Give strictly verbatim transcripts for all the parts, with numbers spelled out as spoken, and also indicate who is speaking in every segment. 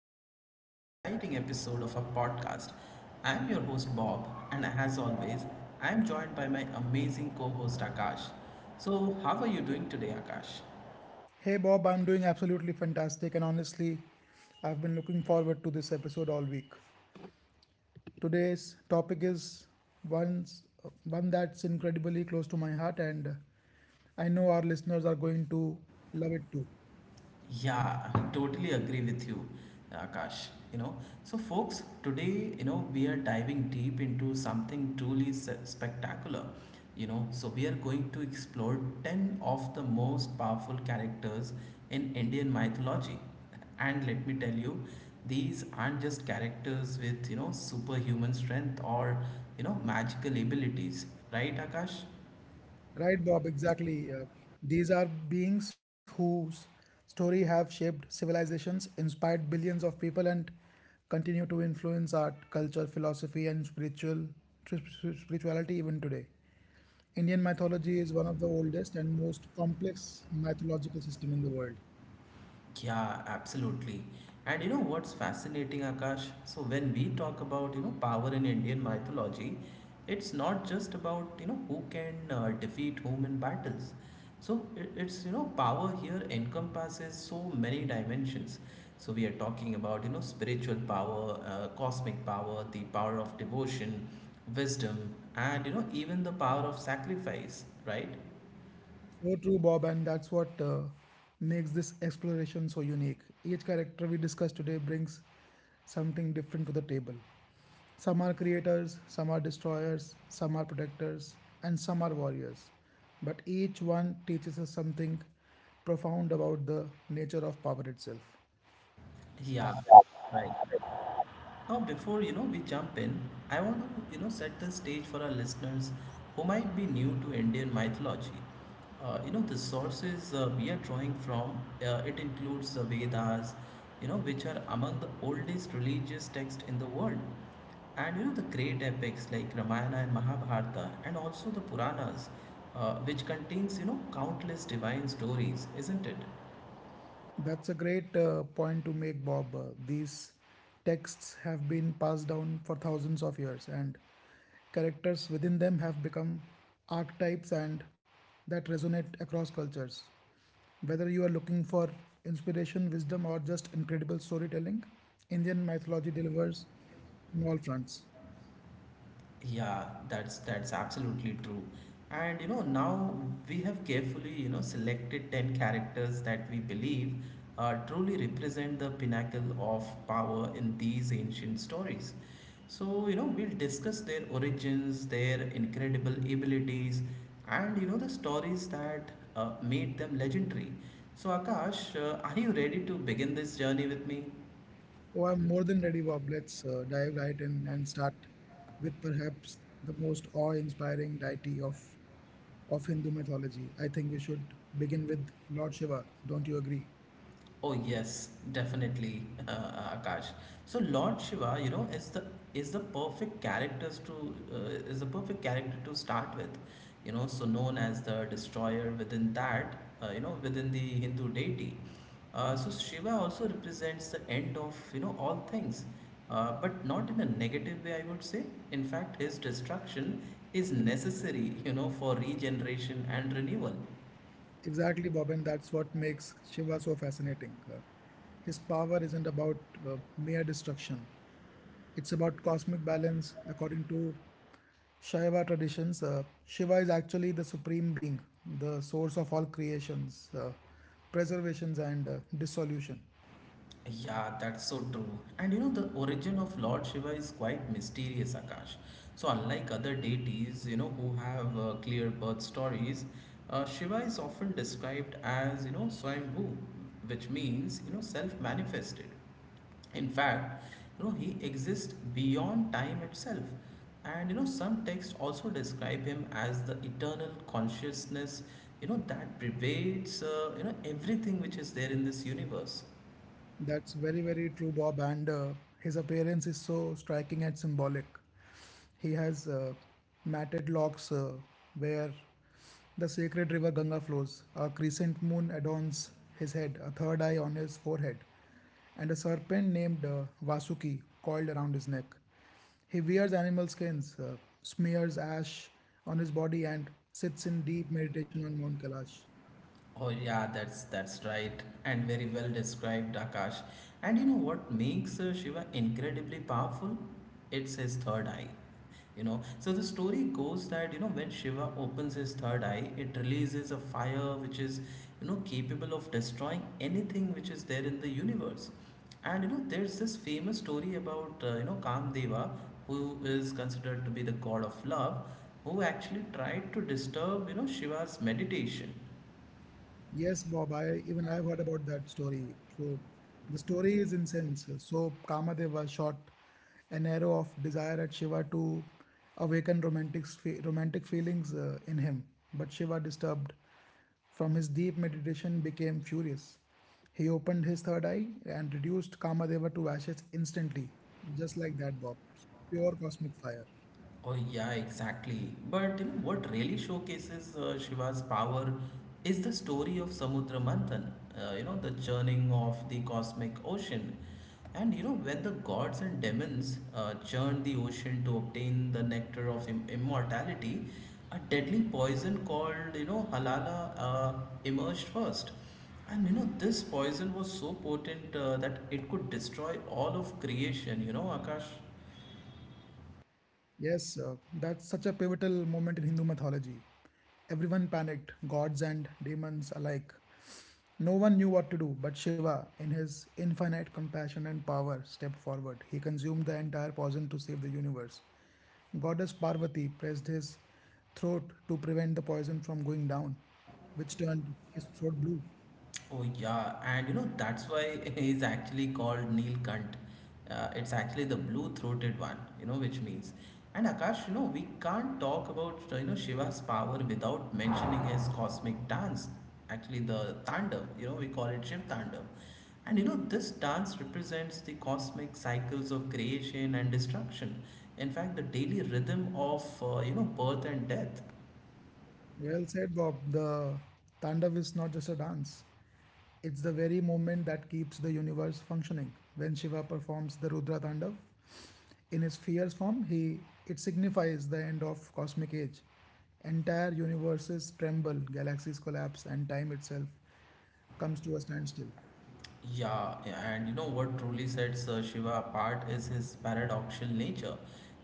Speaker 1: back to another exciting episode of our podcast. I'm your host Bob, and as always, I'm joined by my amazing co host Akash. So, how are you doing today, Akash?
Speaker 2: Hey Bob, I'm doing absolutely fantastic, and honestly, I've been looking forward to this episode all week. Today's topic is one one that's incredibly close to my heart, and I know our listeners are going to love it too.
Speaker 1: Yeah, I totally agree with you, Akash. You know, so folks, today, you know, we are diving deep into something truly s- spectacular. You know, so we are going to explore ten of the most powerful characters in Indian mythology. And let me tell you, these aren't just characters with, you know, superhuman strength or, you know, magical abilities, right, Akash?
Speaker 2: Right, Bob, exactly. Uh, these are beings whose story have shaped civilizations, inspired billions of people, and continue to influence art, culture, philosophy, and spiritual sp- spirituality even today. Indian mythology is one of the oldest and most complex mythological system in the world.
Speaker 1: Yeah, absolutely. And you know what's fascinating, Akash? So when we talk about you know power in Indian mythology, it's not just about you know who can uh, defeat whom in battles. So it, it's you know power here encompasses so many dimensions. So we are talking about you know spiritual power, uh, cosmic power, the power of devotion, wisdom, and you know even the power of sacrifice, right?
Speaker 2: So true, Bob, and that's what uh, makes this exploration so unique. Each character we discuss today brings something different to the table. Some are creators, some are destroyers, some are protectors, and some are warriors. But each one teaches us something profound about the nature of power itself.
Speaker 1: Yeah, right. Now, before you know we jump in, I want to you know set the stage for our listeners who might be new to Indian mythology. Uh, you know the sources uh, we are drawing from. Uh, it includes the Vedas, you know, which are among the oldest religious texts in the world, and you know the great epics like Ramayana and Mahabharata, and also the Puranas, uh, which contains you know countless divine stories, isn't it?
Speaker 2: That's a great uh, point to make, Bob. Uh, These texts have been passed down for thousands of years, and characters within them have become archetypes and that resonate across cultures. Whether you are looking for inspiration, wisdom, or just incredible storytelling, Indian mythology delivers on all fronts.
Speaker 1: Yeah, that's that's absolutely true. And you know, now we have carefully, you know, selected ten characters that we believe uh, truly represent the pinnacle of power in these ancient stories. So, you know, we'll discuss their origins, their incredible abilities, and you know, the stories that uh, made them legendary. So, Akash, uh, are you ready to begin this journey with me?
Speaker 2: Oh, I'm more than ready, Bob. Let's uh, dive right in and start with perhaps the most awe inspiring deity of of Hindu mythology. I think we should begin with Lord Shiva. Don't you agree?
Speaker 1: Oh yes, definitely, uh, Akash. So Lord Shiva, you know, is the is the perfect characters to uh, is the perfect character to start with, you know. So known as the destroyer within that, uh, you know, within the Hindu deity. Uh,
Speaker 2: Yes.
Speaker 1: so Shiva also represents the end of you know all things, uh, but not in a negative way. I would say. In fact, his destruction is necessary, you know, for regeneration and renewal.
Speaker 2: Exactly, Bobin. That's what makes Shiva so fascinating. Uh, his power isn't about uh, mere destruction, it's about cosmic balance. According to Shaiva traditions, uh, Shiva is actually the supreme being, the source of all creations, uh, preservations, and uh, dissolution.
Speaker 1: Yeah, that's so true. And you know, the origin of Lord Shiva is quite mysterious, Akash. So, unlike other deities, you know, who have uh, clear birth stories, uh, Shiva is often described as, you know, Swayambhu, which means, you know, self manifested. In fact, you know, he exists beyond time itself. And, you know, some texts also describe him as the eternal consciousness, you know, that pervades, uh, you know, everything which is there in this universe.
Speaker 2: That's very, very true, Bob. And uh, his appearance is so striking and symbolic. He has uh, matted locks uh, where the sacred river Ganga flows. A crescent moon adorns his head, a third eye on his forehead, and a serpent named uh, Vasuki coiled around his neck. He wears animal skins, uh, smears ash on his body, and sits in deep meditation on Mount Kailash.
Speaker 1: Oh yeah, that's that's right, and very well described, Akash. And you know what makes uh, Shiva incredibly powerful? It's his third eye. You know, so the story goes that you know when Shiva opens his third eye, it releases a fire which is you know capable of destroying anything which is there in the universe. And you know, there's this famous story about uh, you know Kamdeva, who is considered to be the god of love, who actually tried to disturb you know Shiva's meditation.
Speaker 2: Yes, Bob, I even I've heard about that story. So the story is incense. So Kamadeva shot an arrow of desire at Shiva to awaken romantic fe- romantic feelings uh, in him. But Shiva, disturbed from his deep meditation, became furious. He opened his third eye and reduced Kamadeva to ashes instantly, just like that, Bob. Pure cosmic fire.
Speaker 1: Oh yeah, exactly. But you know what really showcases uh, Shiva's power is the story of Samudra Manthan. Uh, you know the churning of the cosmic ocean, and you know when the gods and demons uh, churned the ocean to obtain the nectar of Im- immortality, a deadly poison called you know halala uh, emerged first. And you know this poison was so potent uh, that it could destroy all of creation. You know Akash.
Speaker 2: Yes, uh, that's such a pivotal moment in Hindu mythology. Everyone panicked, gods and demons alike. No one knew what to do, but Shiva, in his infinite compassion and power, stepped forward. He consumed the entire poison to save the universe. Goddess Parvati pressed his throat to prevent the poison from going down, which turned his throat blue.
Speaker 1: Oh yeah, and you know that's why he's actually called Neelkant. Uh, it's actually the blue-throated one, you know, which means. And Akash, you know, we can't talk about uh, you know Shiva's power without mentioning his cosmic dance. Actually, the Tandav, you know, we call it Shiv Tandav. And you know, this dance represents the cosmic cycles of creation and destruction. In fact, the daily rhythm of uh, you know birth and death.
Speaker 2: Well said, Bob. The Tandav is not just a dance, it's the very moment that keeps the universe functioning. When Shiva performs the Rudra Tandav in his fierce form, he it signifies the end of cosmic age. Entire universes tremble, galaxies collapse, and time itself comes to a standstill.
Speaker 1: Yeah, and you know what truly sets uh, Shiva apart is his paradoxical nature.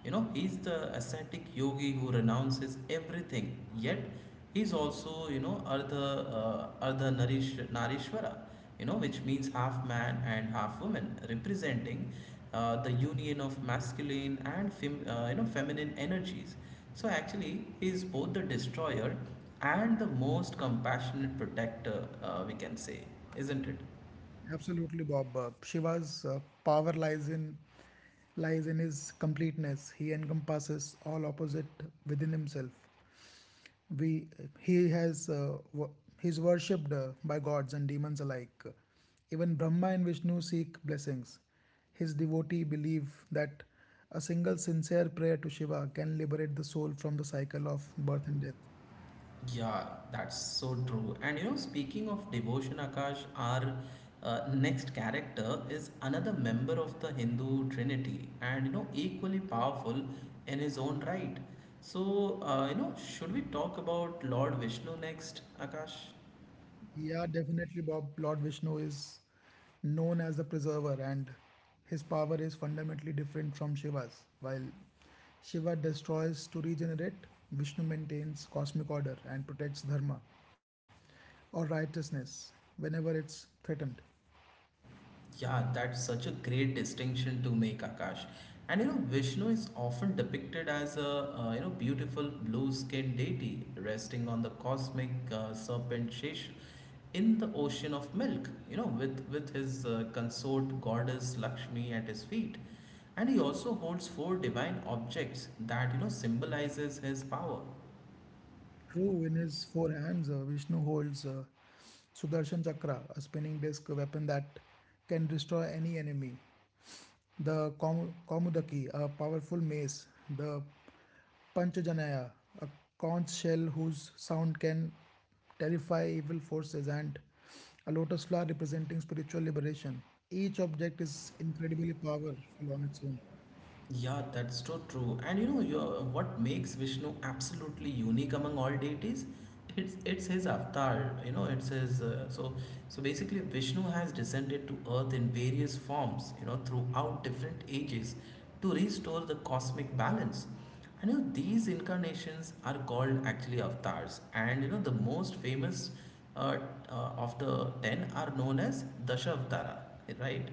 Speaker 1: You know, he's the ascetic yogi who renounces everything, yet he's also, you know, Ardha, uh, Ardha Narish, Narishvara, you know, which means half man and half woman, representing uh, the union of masculine and fem- uh, you know feminine energies. So actually, he is both the destroyer and the most compassionate protector, uh, we can say, isn't it?
Speaker 2: Absolutely, Bob. Uh, Shiva's uh, power lies in lies in his completeness. He encompasses all opposite within himself. We He has uh, he's worshipped uh, by gods and demons alike. Even Brahma and Vishnu seek blessings. His devotee believe that a single sincere prayer to Shiva can liberate the soul from the cycle of birth and death.
Speaker 1: Yeah, that's so true. And you know, speaking of devotion, Akash, our uh, next character is another member of the Hindu Trinity and you know, equally powerful in his own right. So, uh, you know, should we talk about Lord Vishnu next, Akash?
Speaker 2: Yeah, definitely. Bob, Lord Vishnu is known as the preserver, and his power is fundamentally different from Shiva's. While Shiva destroys to regenerate, Vishnu maintains cosmic order and protects dharma or righteousness whenever it's threatened.
Speaker 1: Yeah, that's such a great distinction to make, Akash. And you know, Vishnu is often depicted as a uh, you know beautiful blue-skinned deity resting on the cosmic uh, serpent Shesha in the ocean of milk. You know, with with his uh, consort goddess Lakshmi at his feet, and he also holds four divine objects that you know symbolizes his power.
Speaker 2: True, in his four hands, uh, Vishnu holds uh, Sudarshan Chakra, a spinning disc weapon that can destroy any enemy. The Kom- Komudaki, a powerful mace, the Panchajanaya, a conch shell whose sound can terrify evil forces, and a lotus flower representing spiritual liberation. Each object is incredibly powerful on its own.
Speaker 1: Yeah, that's so true. And you know, your what makes Vishnu absolutely unique among all deities? It's it's his avatar. You know, it's his. Uh, so so basically, Vishnu has descended to Earth in various forms. You know, throughout different ages, to restore the cosmic balance. I know these incarnations are called actually avatars, and you know the most famous uh, uh, of the ten are known as Dashavatara, right?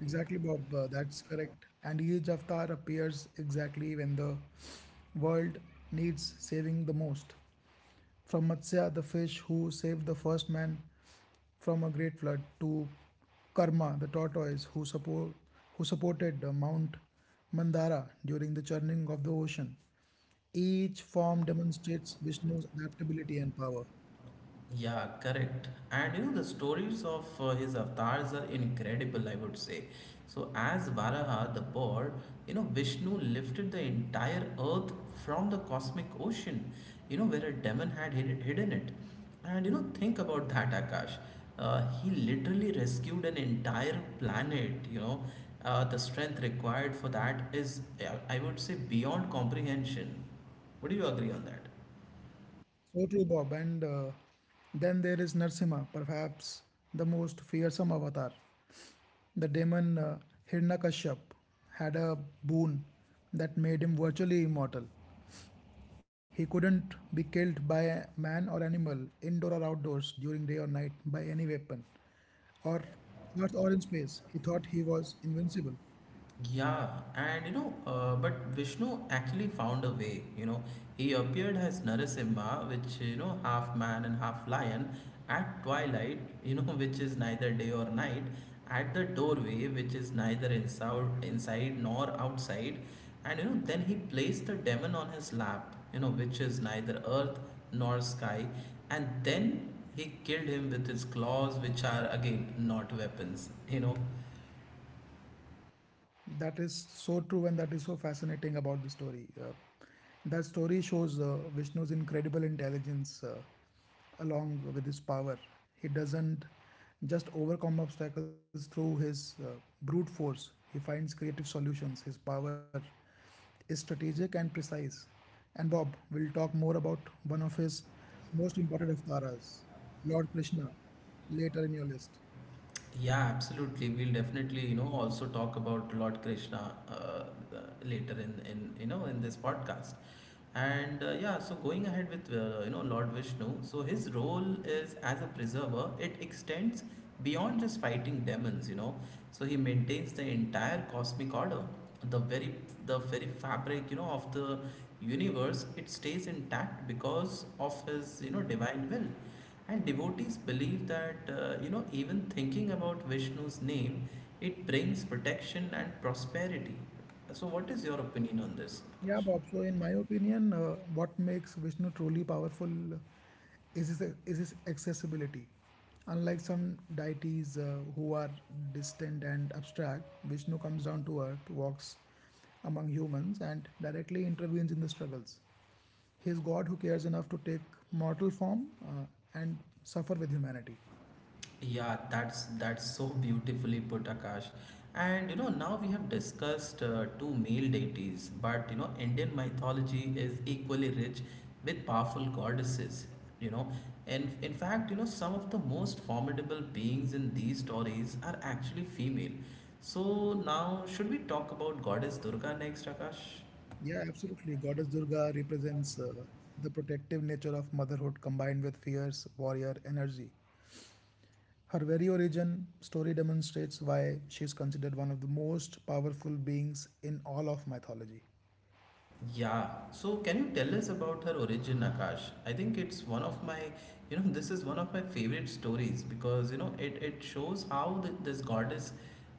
Speaker 2: Exactly, Bob, uh, that's correct. And each avatar appears exactly when the world needs saving the most. From Matsya, the fish who saved the first man from a great flood, to Karma, the tortoise who, support, who supported uh, Mount Mandara during the churning of the ocean. Each form demonstrates Vishnu's adaptability and power.
Speaker 1: Yeah, correct. And you know, the stories of uh, his avatars are incredible, I would say. So, as Varaha, the boar, you know, Vishnu lifted the entire earth from the cosmic ocean, you know, where a demon had hid- hidden it. And you know, think about that, Akash. Uh, he literally rescued an entire planet, you know. Uh, the strength required for that is, uh, I would say, beyond comprehension. Would you agree on that?
Speaker 2: So true, Bob. And uh, then there is Narsimha, perhaps the most fearsome avatar. The demon uh, Hiranyakashyap had a boon that made him virtually immortal. He couldn't be killed by a man or animal, indoor or outdoors, during day or night, by any weapon, or earth or in space. He thought he was invincible.
Speaker 1: Yeah, and you know, uh, but Vishnu actually found a way. You know, he appeared as Narasimha, which you know, half man and half lion, at twilight. You know, which is neither day or night, at the doorway, which is neither inside, inside nor outside, and you know, then he placed the demon on his lap. You know, which is neither earth nor sky, and then he killed him with his claws, which are again not weapons. You know.
Speaker 2: That is so true, and that is so fascinating about the story. Uh, that story shows uh, Vishnu's incredible intelligence uh, along with his power. He doesn't just overcome obstacles through his uh, brute force, he finds creative solutions. His power is strategic and precise. And Bob, we'll talk more about one of his most important avatars, Lord Krishna, later in your list.
Speaker 1: Yeah, absolutely. We'll definitely, you know, also talk about Lord Krishna uh, uh, later in, in you know in this podcast. And uh, yeah, so going ahead with uh, you know Lord Vishnu, so his role is as a preserver. It extends beyond just fighting demons, you know. So he maintains the entire cosmic order, the very the very fabric, you know, of the universe. It stays intact because of his you know divine will and devotees believe that, uh, you know, even thinking about Vishnu's name, it brings protection and prosperity. So, what is your opinion on this,
Speaker 2: Yeah,
Speaker 1: Akash?
Speaker 2: Bob. So, in my opinion, uh, what makes Vishnu truly powerful is his, is his accessibility. Unlike some deities uh, who are distant and abstract, Vishnu comes down to earth, walks among humans, and directly intervenes in the struggles. He is God who cares enough to take mortal form uh, and suffer with humanity.
Speaker 1: Yeah, that's that's so beautifully put, Akash. And you know, now we have discussed uh, two male deities, but you know, Indian mythology is equally rich with powerful goddesses. You know, and in fact, you know, some of the most formidable beings in these stories are actually female. So now, should we talk about goddess Durga next, Akash?
Speaker 2: Yeah, absolutely. Goddess Durga represents uh, the protective nature of motherhood combined with fierce warrior energy. Her very origin story demonstrates why she is considered one of the most powerful beings in all of mythology.
Speaker 1: Yeah. So can you tell us about her origin, Akash? I think it's one of my, you know, this is one of my favorite stories because, you know, it, it shows how th this goddess,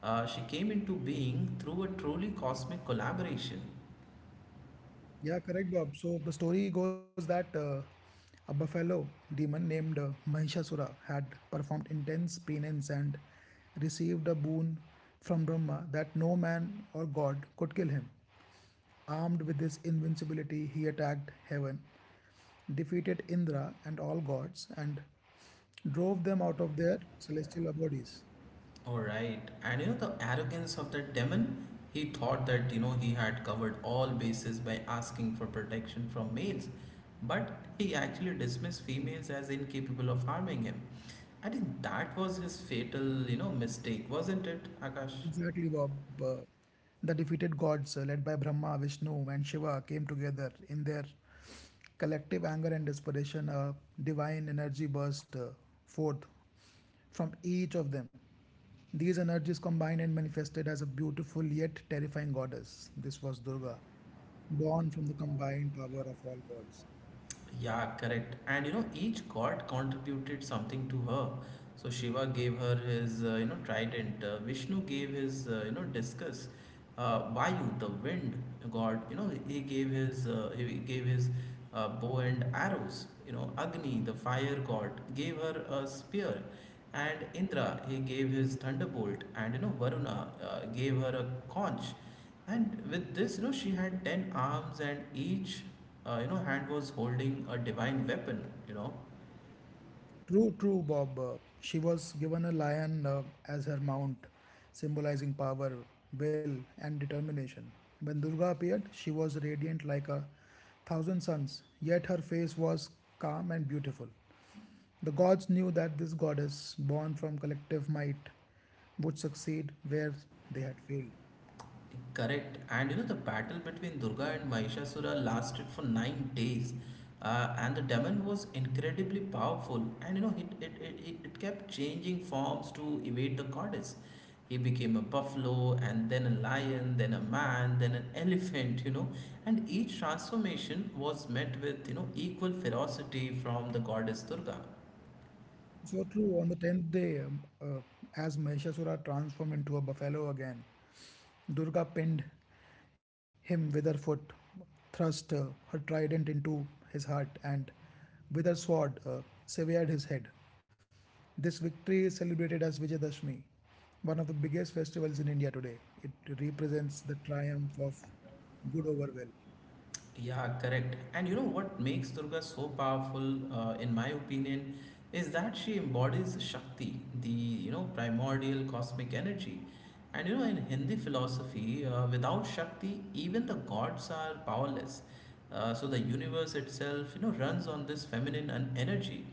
Speaker 1: uh, she came into being through a truly cosmic collaboration.
Speaker 2: Yeah, correct, Bob. So the story goes that uh, a buffalo demon named uh, Mahishasura had performed intense penance and received a boon from Brahma that no man or god could kill him. Armed with this invincibility, he attacked heaven, defeated Indra and all gods, and drove them out of their celestial bodies.
Speaker 1: All right. And you know the arrogance of that demon? He thought that, you know, he had covered all bases by asking for protection from males, but he actually dismissed females as incapable of harming him. I think that was his fatal, you know, mistake, wasn't it, Akash?
Speaker 2: Exactly, Bob. Uh, the defeated gods, uh, led by Brahma, Vishnu, and Shiva, came together in their collective anger and desperation. A divine energy burst uh, forth from each of them. These energies combined and manifested as a beautiful yet terrifying goddess. This was Durga, born from the combined power of all gods.
Speaker 1: Yeah, correct. And you know, each god contributed something to her. So Shiva gave her his, uh, you know, trident. Uh, Vishnu gave his, uh, you know, discus. Uh, Vayu, the wind god, you know, he gave his, uh, he gave his uh, bow and arrows. You know, Agni, the fire god, gave her a spear. And Indra, he gave his thunderbolt. And you know, Varuna uh, gave her a conch. And with this, you know, she had ten arms, and each, uh, you know, hand was holding a divine weapon. You know,
Speaker 2: True, true, Bob. Uh, She was given a lion uh, as her mount, symbolizing power, will, and determination. When Durga appeared, she was radiant like a thousand suns, yet her face was calm and beautiful. The gods knew that this goddess, born from collective might, would succeed where they had failed.
Speaker 1: correct. And you know, the battle between Durga and Mahishasura lasted for nine days, uh, and the demon was incredibly powerful. And you know, it it, it it it kept changing forms to evade the goddess. He became a buffalo, and then a lion, then a man, then an elephant. You know, and each transformation was met with you know equal ferocity from the goddess Durga.
Speaker 2: So true. On the tenth day, um, uh, as Mahishasura transformed into a buffalo again, Durga pinned him with her foot, thrust uh, her trident into his heart, and with her sword uh, severed his head. This victory is celebrated as Vijayadashmi, one of the biggest festivals in India today. It represents the triumph of good over well.
Speaker 1: Yeah, correct. And you know what makes Durga so powerful, uh, in my opinion, is that she embodies Shakti, the you know primordial cosmic energy. And you know, in Hindi philosophy, uh, without Shakti, even the gods are powerless. Uh, so the universe itself, you know, runs on this feminine en- energy,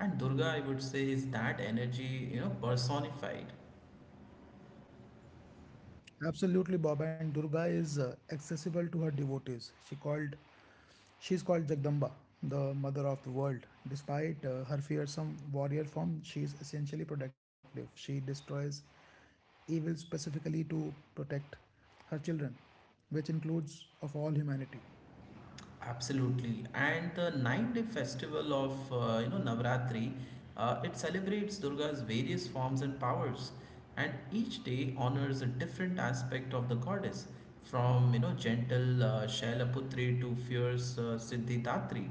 Speaker 1: and Durga, I would say, is that energy, you know, personified.
Speaker 2: Absolutely, Bob. And Durga is uh, accessible to her devotees. She called, she's called Jagdamba, the mother of the world. Despite uh, her fearsome warrior form, she is essentially protective. She destroys evil specifically to protect her children, which includes of all humanity.
Speaker 1: Absolutely. And the nine day festival of uh, you know Navratri, uh, it celebrates Durga's various forms and powers, and each day honors a different aspect of the goddess, from you know gentle uh, Shailaputri to fierce uh, Siddhidatri.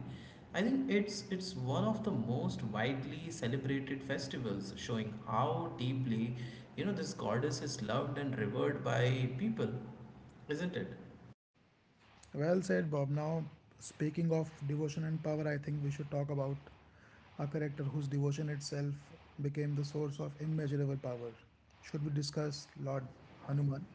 Speaker 1: I think it's it's one of the most widely celebrated festivals, showing how deeply you know this goddess is loved and revered by people, isn't it?
Speaker 2: Well said, Bob. Now, speaking of devotion and power, I think we should talk about a character whose devotion itself became the source of immeasurable power. Should we discuss Lord Hanuman?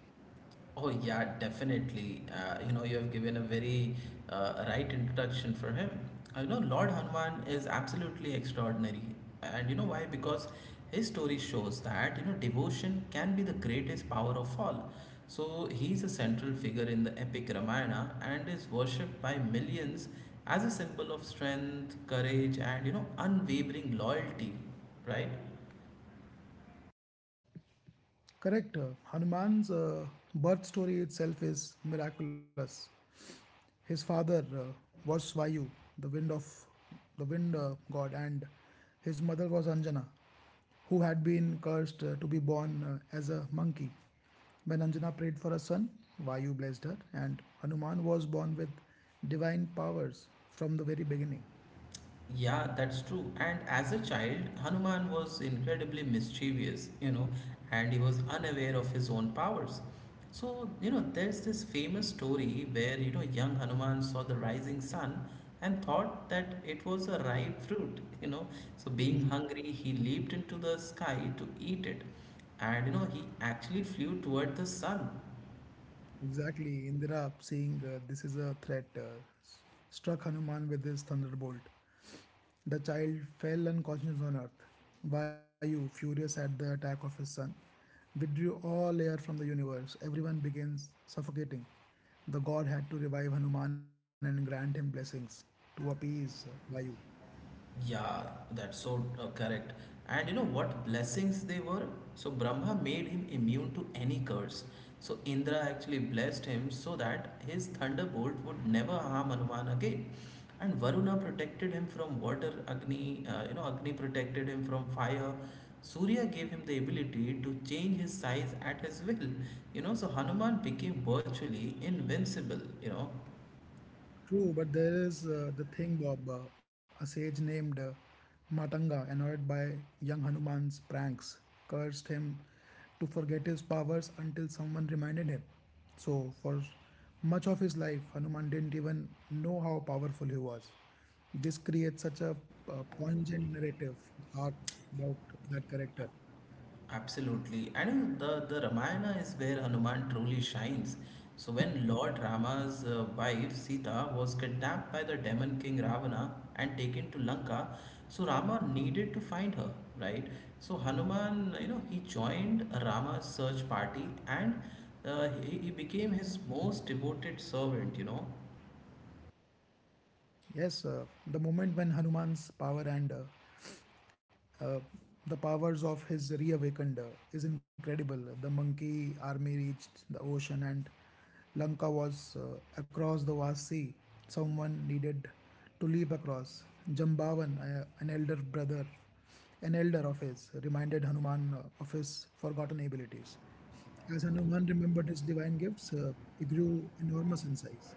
Speaker 1: Oh yeah, definitely. Uh, you know, you have given a very uh, right introduction for him. Uh, you know, Lord Hanuman is absolutely extraordinary, and you know why? Because his story shows that you know devotion can be the greatest power of all. So he's a central figure in the epic Ramayana and is worshipped by millions as a symbol of strength, courage, and you know unwavering loyalty, right?
Speaker 2: Correct. uh, Hanuman's uh, birth story itself is miraculous. His father uh, was Svayu, the wind of the wind uh, god, and his mother was Anjana, who had been cursed uh, to be born uh, as a monkey. When Anjana prayed for a son, Vayu blessed her, and Hanuman was born with divine powers from the very beginning.
Speaker 1: Yeah, that's true. And as a child, Hanuman was incredibly mischievous, you know, and he was unaware of his own powers. So, you know, there's this famous story where, you know, young Hanuman saw the rising sun and thought that it was a ripe fruit, you know. So, being hungry, he leaped into the sky to eat it. And, you know, he actually flew toward the sun.
Speaker 2: Exactly, Indira, seeing uh, this is a threat, uh, struck Hanuman with his thunderbolt. The child fell unconscious on earth. Vayu, furious at the attack of his son, withdrew all air from the universe. Everyone began suffocating. The god had to revive Hanuman and grant him blessings to appease Vayu.
Speaker 1: Yeah, that's so uh, correct. And you know what blessings they were? So Brahma made him immune to any curse. So Indra actually blessed him so that his thunderbolt would never harm Hanuman again. And Varuna protected him from water, Agni, uh, you know, Agni protected him from fire. Surya gave him the ability to change his size at his will. You know, so Hanuman became virtually invincible, you know.
Speaker 2: True, but there is uh, the thing, Bob. Uh, a sage named uh, Matanga, annoyed by young Hanuman's pranks, cursed him to forget his powers until someone reminded him. So, for much of his life, Hanuman didn't even know how powerful he was. This creates such a uh, pungent narrative arc about that character.
Speaker 1: Absolutely. And the, the Ramayana is where Hanuman truly shines. So when Lord Rama's uh, wife Sita was kidnapped by the demon king Ravana and taken to Lanka, so Rama needed to find her, right? So Hanuman, you know, he joined Rama's search party and uh, he, he became his most devoted servant, you know.
Speaker 2: Yes, uh, the moment when Hanuman's power and uh, uh, the powers of his reawakened uh, is incredible. The monkey army reached the ocean, and Lanka was uh, across the vast sea. Someone needed to leap across. Jambavan, uh, an elder brother, an elder of his, reminded Hanuman uh, of his forgotten abilities. As Hanuman remembered his divine gifts, uh, he grew enormous in size.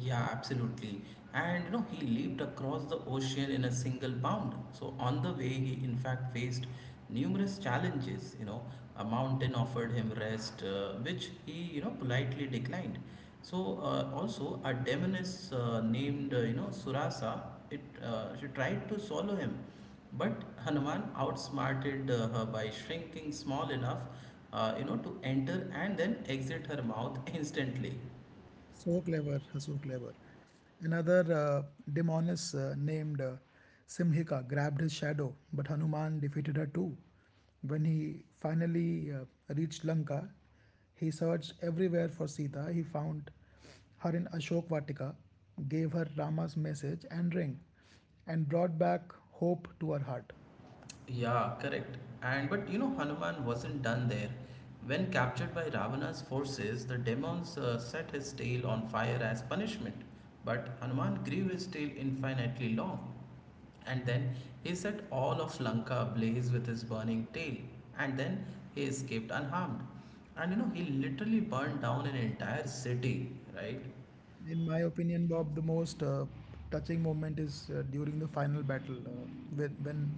Speaker 1: Yeah, absolutely. And you know, he leaped across the ocean in a single bound. So on the way, he in fact faced numerous challenges. You know, a mountain offered him rest, uh, which he you know politely declined. So uh, also a demoness uh, named uh, you know Surasa, it uh, she tried to swallow him, but Hanuman outsmarted uh, her by shrinking small enough, uh, you know, to enter and then exit her mouth instantly.
Speaker 2: So clever, so clever. Another uh, demoness uh, named uh, Simhika grabbed his shadow, but Hanuman defeated her too. When he finally uh, reached Lanka, he searched everywhere for Sita. He found her in Ashok Vatika, gave her Rama's message and ring, and brought back hope to her heart.
Speaker 1: Yeah, correct. And but you know, Hanuman wasn't done there. When captured by Ravana's forces, the demons uh, set his tail on fire as punishment. But Hanuman grew his tail infinitely long. And then he set all of Lanka ablaze with his burning tail. And then he escaped unharmed. And you know, he literally burned down an entire city, right?
Speaker 2: In my opinion, Bob, the most uh, touching moment is uh, during the final battle uh, when, when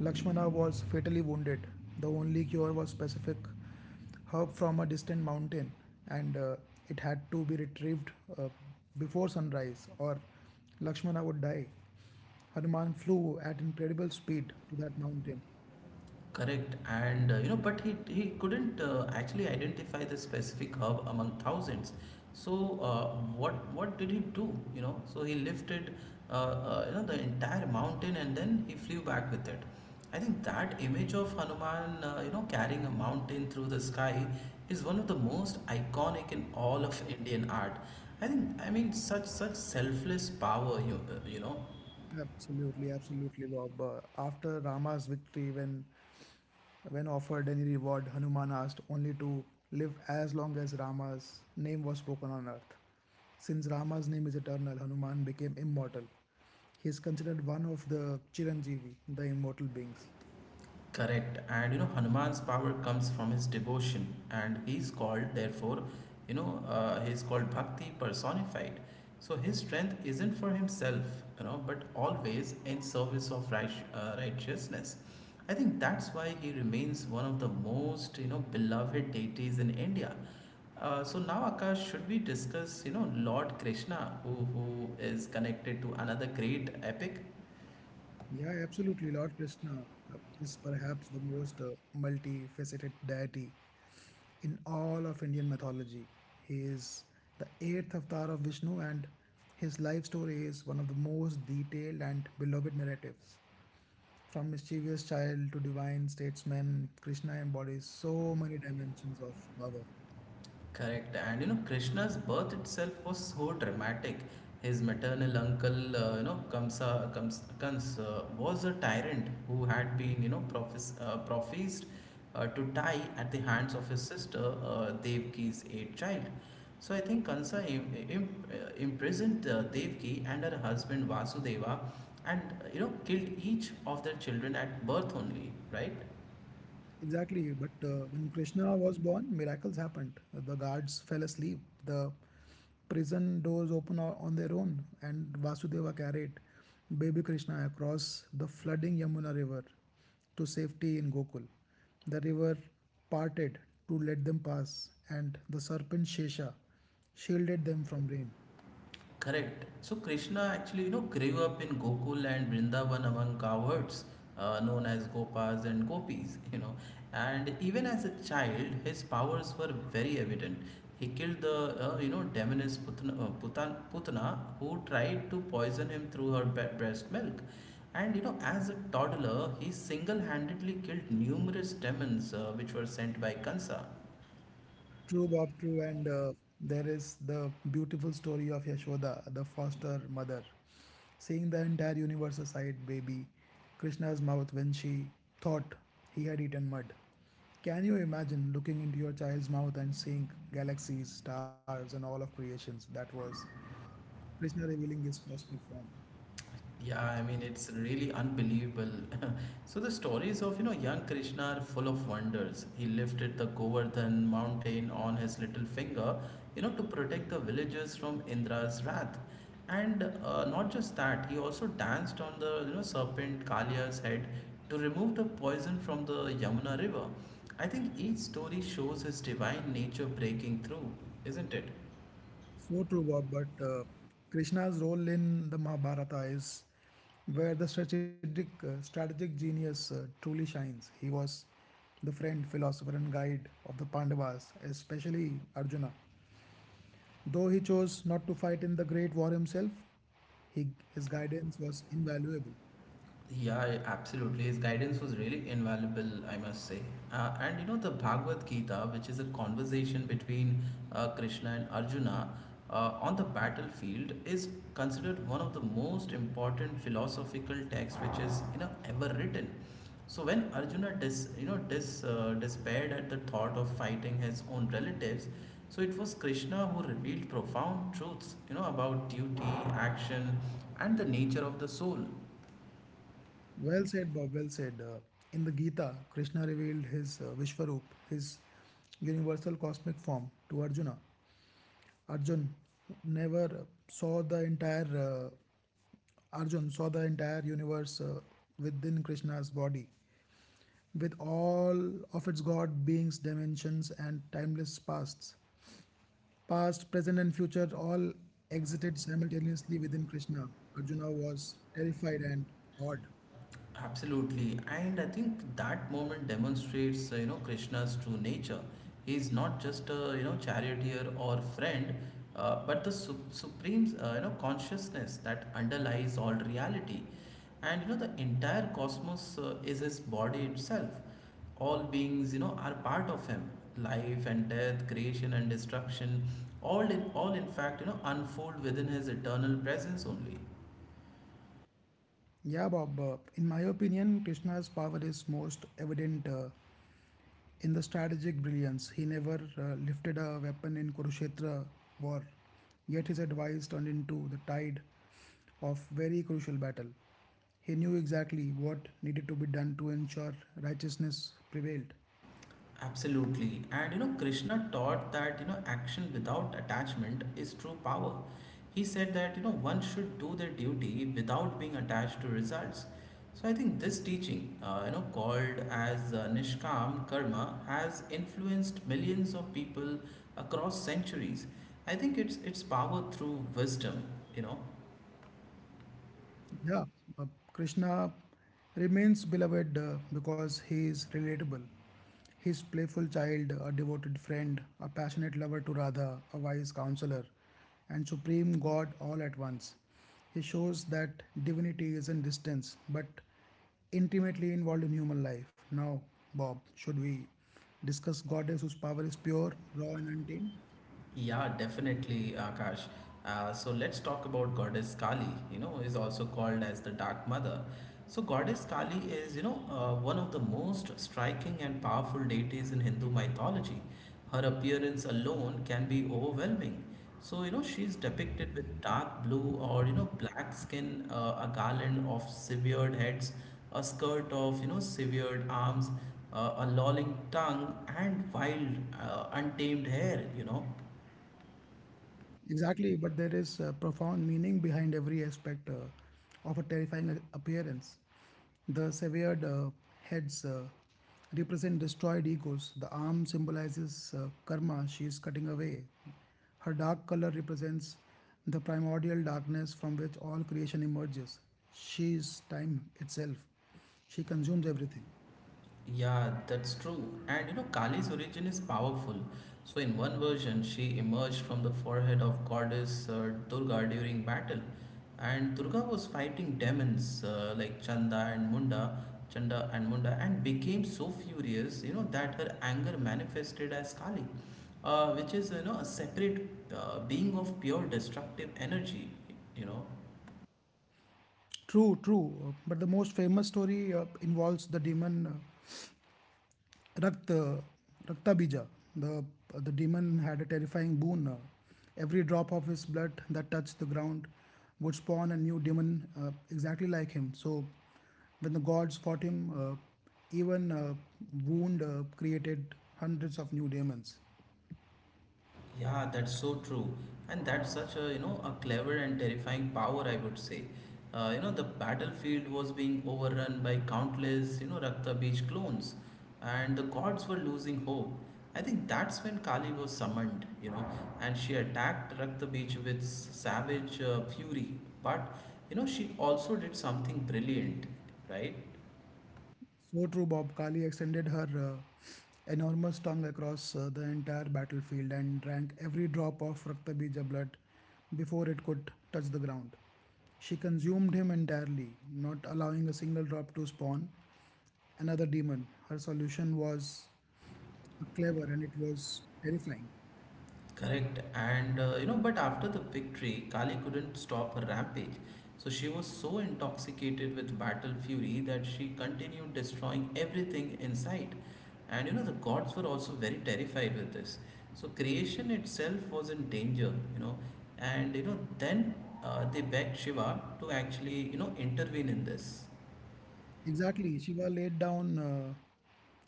Speaker 2: Lakshmana was fatally wounded. The only cure was specific herb from a distant mountain, and uh, it had to be retrieved uh, before sunrise, or Lakshmana would die. Hanuman flew at incredible speed to that mountain.
Speaker 1: Correct, and uh, you know, but he he couldn't uh, actually identify the specific herb among thousands. So uh, what what did he do? You know, so he lifted uh, uh, you know the entire mountain and then he flew back with it. I think that image of Hanuman, uh, you know, carrying a mountain through the sky, is one of the most iconic in all of Indian art. I think I mean such such selfless power. You uh, you know
Speaker 2: Absolutely, absolutely, Bob. Uh, after Rama's victory, when When offered any reward, Hanuman asked only to live as long as Rama's name was spoken on earth. Since Rama's name is eternal, Hanuman became immortal. He is considered one of the Chiranjeevi, the immortal beings.
Speaker 1: Correct. And you know, Hanuman's power comes from his devotion, and he's called, therefore, you know, uh, he's called Bhakti personified. So his strength isn't for himself, you know, but always in service of right, uh, righteousness. I think that's why he remains one of the most, you know, beloved deities in India. Uh, so now, Akash, should we discuss, you know, Lord Krishna, who, who is connected to another great epic?
Speaker 2: Yeah, absolutely. Lord Krishna uh, is perhaps the most uh, multifaceted deity in all of Indian mythology. He is the eighth avatar of Vishnu, and his life story is one of the most detailed and beloved narratives. From mischievous child to divine statesman, Krishna embodies so many dimensions of power.
Speaker 1: Correct. And you know, Krishna's birth itself was so dramatic. His maternal uncle, uh, you know, Kamsa, Kams, Kans, uh, was a tyrant who had been, you know, prophes- uh, prophesied uh, to die at the hands of his sister, uh, Devki's eighth child. So I think Kansa Im- im- uh, imprisoned uh, Devki and her husband Vasudeva and, uh, you know, killed each of their children at birth only, right?
Speaker 2: Exactly, but uh, when Krishna was born, miracles happened. The guards fell asleep, the prison doors opened o- on their own, and Vasudeva carried baby Krishna across the flooding Yamuna river to safety in Gokul. The river parted to let them pass, and the serpent Shesha shielded them from rain.
Speaker 1: Correct. So Krishna actually, you know, grew up in Gokul and Vrindavan among cowards uh, known as Gopas and Gopis, you know. And even as a child, his powers were very evident. He killed the, uh, you know, demoness Putana, uh, Putan, Putana who tried to poison him through her be- breast milk. And, you know, as a toddler, he single-handedly killed numerous demons uh, which were sent by Kansa.
Speaker 2: True, Bob, true. And uh, there is the beautiful story of Yashoda, the foster mother, seeing the entire universe aside, baby, Krishna's mouth when she thought he had eaten mud. Can you imagine looking into your child's mouth and seeing galaxies, stars, and all of creations? That was Krishna revealing his cosmic form.
Speaker 1: Yeah, I mean it's really unbelievable. So the stories of you know young Krishna are full of wonders. He lifted the Govardhan mountain on his little finger, you know, to protect the villagers from Indra's wrath. And uh, not just that, he also danced on the you know serpent Kaliya's head to remove the poison from the Yamuna river. I think each story shows his divine nature breaking through, isn't it?
Speaker 2: So true, Bob. But uh, Krishna's role in the Mahabharata is where the strategic uh, strategic genius uh, truly shines. He was the friend, philosopher, and guide of the Pandavas, especially Arjuna. Though he chose not to fight in the great war himself, he, his guidance was invaluable.
Speaker 1: Yeah, absolutely. His guidance was really invaluable, I must say. Uh, and you know, the Bhagavad Gita, which is a conversation between uh, Krishna and Arjuna uh, on the battlefield, is considered one of the most important philosophical texts which is you know ever written. So when Arjuna dis, you know dis, uh, despaired at the thought of fighting his own relatives, so it was Krishna who revealed profound truths you know about duty, action, and the nature of the soul.
Speaker 2: Well said, Bob. Well said. Uh, in the Gita, Krishna revealed his uh, Vishwarup, his universal cosmic form, to Arjuna. Arjun never saw the entire uh, Arjun saw the entire universe uh, within Krishna's body, with all of its god beings, dimensions, and timeless pasts. Past, present, and future all exited simultaneously within Krishna. Arjuna was terrified and awed.
Speaker 1: Absolutely, and I think that moment demonstrates, uh, you know, Krishna's true nature. He is not just a you know charioteer or friend, uh, but the su- supreme uh, you know consciousness that underlies all reality, and you know the entire cosmos uh, is his body itself. All beings, you know, are part of him. Life and death, creation and destruction, all in all, in fact, you know, unfold within his eternal presence only.
Speaker 2: Yeah, Bob. Uh, in my opinion, Krishna's power is most evident uh, in the strategic brilliance. He never uh, lifted a weapon in Kurukshetra war, yet his advice turned into the tide of very crucial battle. He knew exactly what needed to be done to ensure righteousness prevailed.
Speaker 1: Absolutely. And you know, Krishna taught that, you know, action without attachment is true power. He said that, you know, one should do their duty without being attached to results. So I think this teaching, uh, you know, called as uh, Nishkam Karma, has influenced millions of people across centuries. I think it's its power through wisdom, you know,
Speaker 2: Yeah, uh, Krishna remains beloved uh, because he is relatable. His playful child, a devoted friend, a passionate lover to Radha, a wise counselor, and supreme God all at once. He shows that divinity is not distance but intimately involved in human life. Now, Bob, should we discuss goddess whose power is pure, raw, and untamed?
Speaker 1: Yeah, definitely, Akash. Uh, so let's talk about Goddess Kali, you know, is also called as the Dark Mother. So Goddess Kali is, you know, uh, one of the most striking and powerful deities in Hindu mythology. Her appearance alone can be overwhelming. So, you know, she's depicted with dark blue or, you know, black skin, uh, a garland of severed heads, a skirt of, you know, severed arms, uh, a lolling tongue, and wild, uh, untamed hair, you know.
Speaker 2: Exactly, but there is a profound meaning behind every aspect uh, of a terrifying a- appearance. The severed uh, heads uh, represent destroyed egos. The arm symbolizes uh, karma she is cutting away. Her dark color represents the primordial darkness from which all creation emerges. She is time itself. She consumes everything.
Speaker 1: Yeah, that's true. And you know, Kali's origin is powerful. So, in one version, she emerged from the forehead of goddess uh, Durga during battle. And Durga was fighting demons uh, like Chanda and Munda, Chanda and Munda, and became so furious, you know, that her anger manifested as Kali, uh, which is, you know, a separate uh, being of pure destructive energy, you know.
Speaker 2: True, true. uh, But the most famous story uh, involves the demon. Uh, Rakt, uh, Raktabija, the, the demon had a terrifying boon. Uh, every drop of his blood that touched the ground would spawn a new demon uh, exactly like him. So, when the gods fought him, uh, even uh, wound uh, created hundreds of new demons.
Speaker 1: Yeah, that's so true. And that's such a, you know, a clever and terrifying power, I would say. Uh, you know, the battlefield was being overrun by countless, you know, Rakta Beach clones, and the gods were losing hope. I think that's when Kali was summoned, you know, and she attacked Rakta Beach with savage uh, fury. But, you know, she also did something brilliant, right?
Speaker 2: So true, Bob. Kali extended her uh, enormous tongue across uh, the entire battlefield and drank every drop of Raktabija blood before it could touch the ground. She consumed him entirely, not allowing a single drop to spawn another demon. Her solution was clever and it was terrifying.
Speaker 1: Correct. And uh, you know, but after the victory, Kali couldn't stop her rampage. So she was so intoxicated with battle fury that she continued destroying everything in sight. And you know, the gods were also very terrified with this. So creation itself was in danger, you know. And you know, then uh, they begged Shiva to actually, you know, intervene in this.
Speaker 2: Exactly. Shiva laid down uh,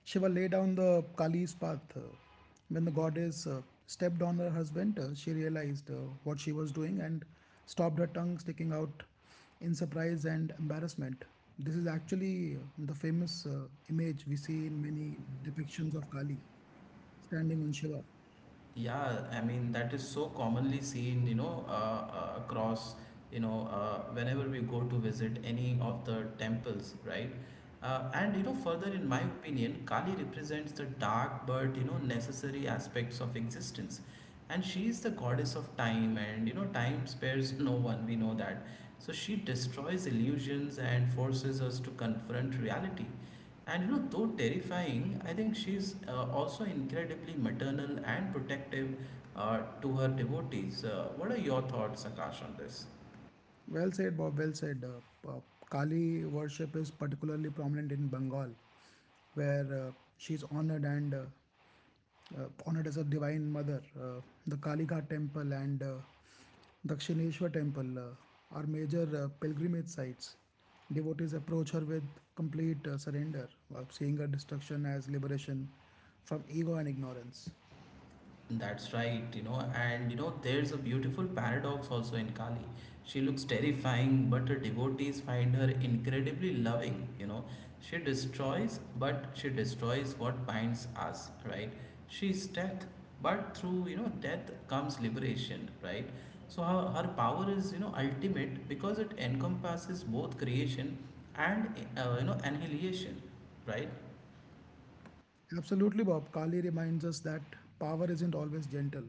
Speaker 2: Shiva laid down the Kali's path. uh, When the goddess uh, stepped on her husband, uh, she realized uh, what she was doing and stopped her tongue sticking out in surprise and embarrassment. This is actually uh, the famous uh, image we see in many depictions of Kali standing on Shiva.
Speaker 1: Yeah, I mean that is so commonly seen, you know, uh, uh, across, you know, uh, whenever we go to visit any of the temples, right? Uh, and you know, further in my opinion, Kali represents the dark but you know necessary aspects of existence, and she is the goddess of time, and you know, time spares no one. We know that, so she destroys illusions and forces us to confront reality. And you know, though terrifying, I think she's uh, also incredibly maternal and protective uh, to her devotees. Uh, what are your thoughts, Akash, on this?
Speaker 2: Well said, Bob. Well said. Uh, uh, Kali worship is particularly prominent in Bengal, where uh, she is honored and uh, uh, honored as a divine mother. Uh, the Kalighat temple and uh, Dakshineshwar temple uh, are major uh, pilgrimage sites. Devotees approach her with complete uh, surrender, uh, seeing her destruction as liberation from ego and ignorance.
Speaker 1: That's right, you know, and you know, there's a beautiful paradox also in Kali. She looks terrifying, but her devotees find her incredibly loving, you know. She destroys, but she destroys what binds us, right? She's death, but through, you know, death comes liberation, right? So her, her power is, you know, ultimate because it encompasses both creation and, uh, you know, annihilation, right?
Speaker 2: Absolutely, Bob. Kali reminds us that power isn't always gentle.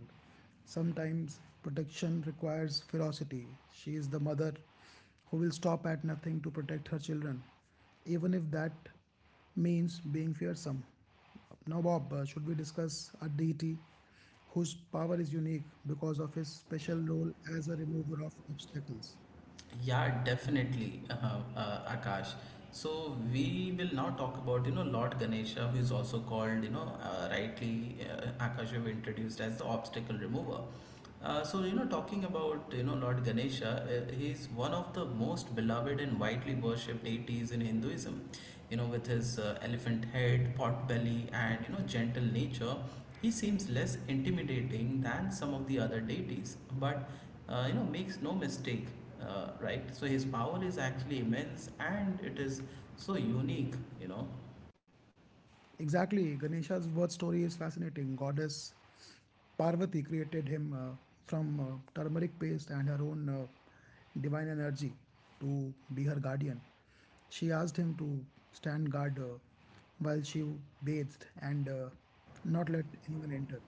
Speaker 2: Sometimes protection requires ferocity. She is the mother who will stop at nothing to protect her children, even if that means being fearsome. Now, Bob, uh, should we discuss a deity whose power is unique because of his special role as a remover of obstacles?
Speaker 1: Yeah, definitely, uh, uh, Akash. So we will now talk about you know Lord Ganesha, who is also called you know uh, rightly, uh, Akash, you have introduced as the obstacle remover. Uh, so you know talking about you know Lord Ganesha, uh, he is one of the most beloved and widely worshipped deities in Hinduism. You know with his uh, elephant head, pot belly, and you know gentle nature, he seems less intimidating than some of the other deities, but uh, you know makes no mistake, uh, right? So his power is actually immense, and it is so unique, you know.
Speaker 2: Exactly, Ganesha's birth story is fascinating. Goddess Parvati created him uh, from uh, turmeric paste and her own uh, divine energy to be her guardian. She asked him to stand guard uh, while she bathed and uh, not let anyone enter.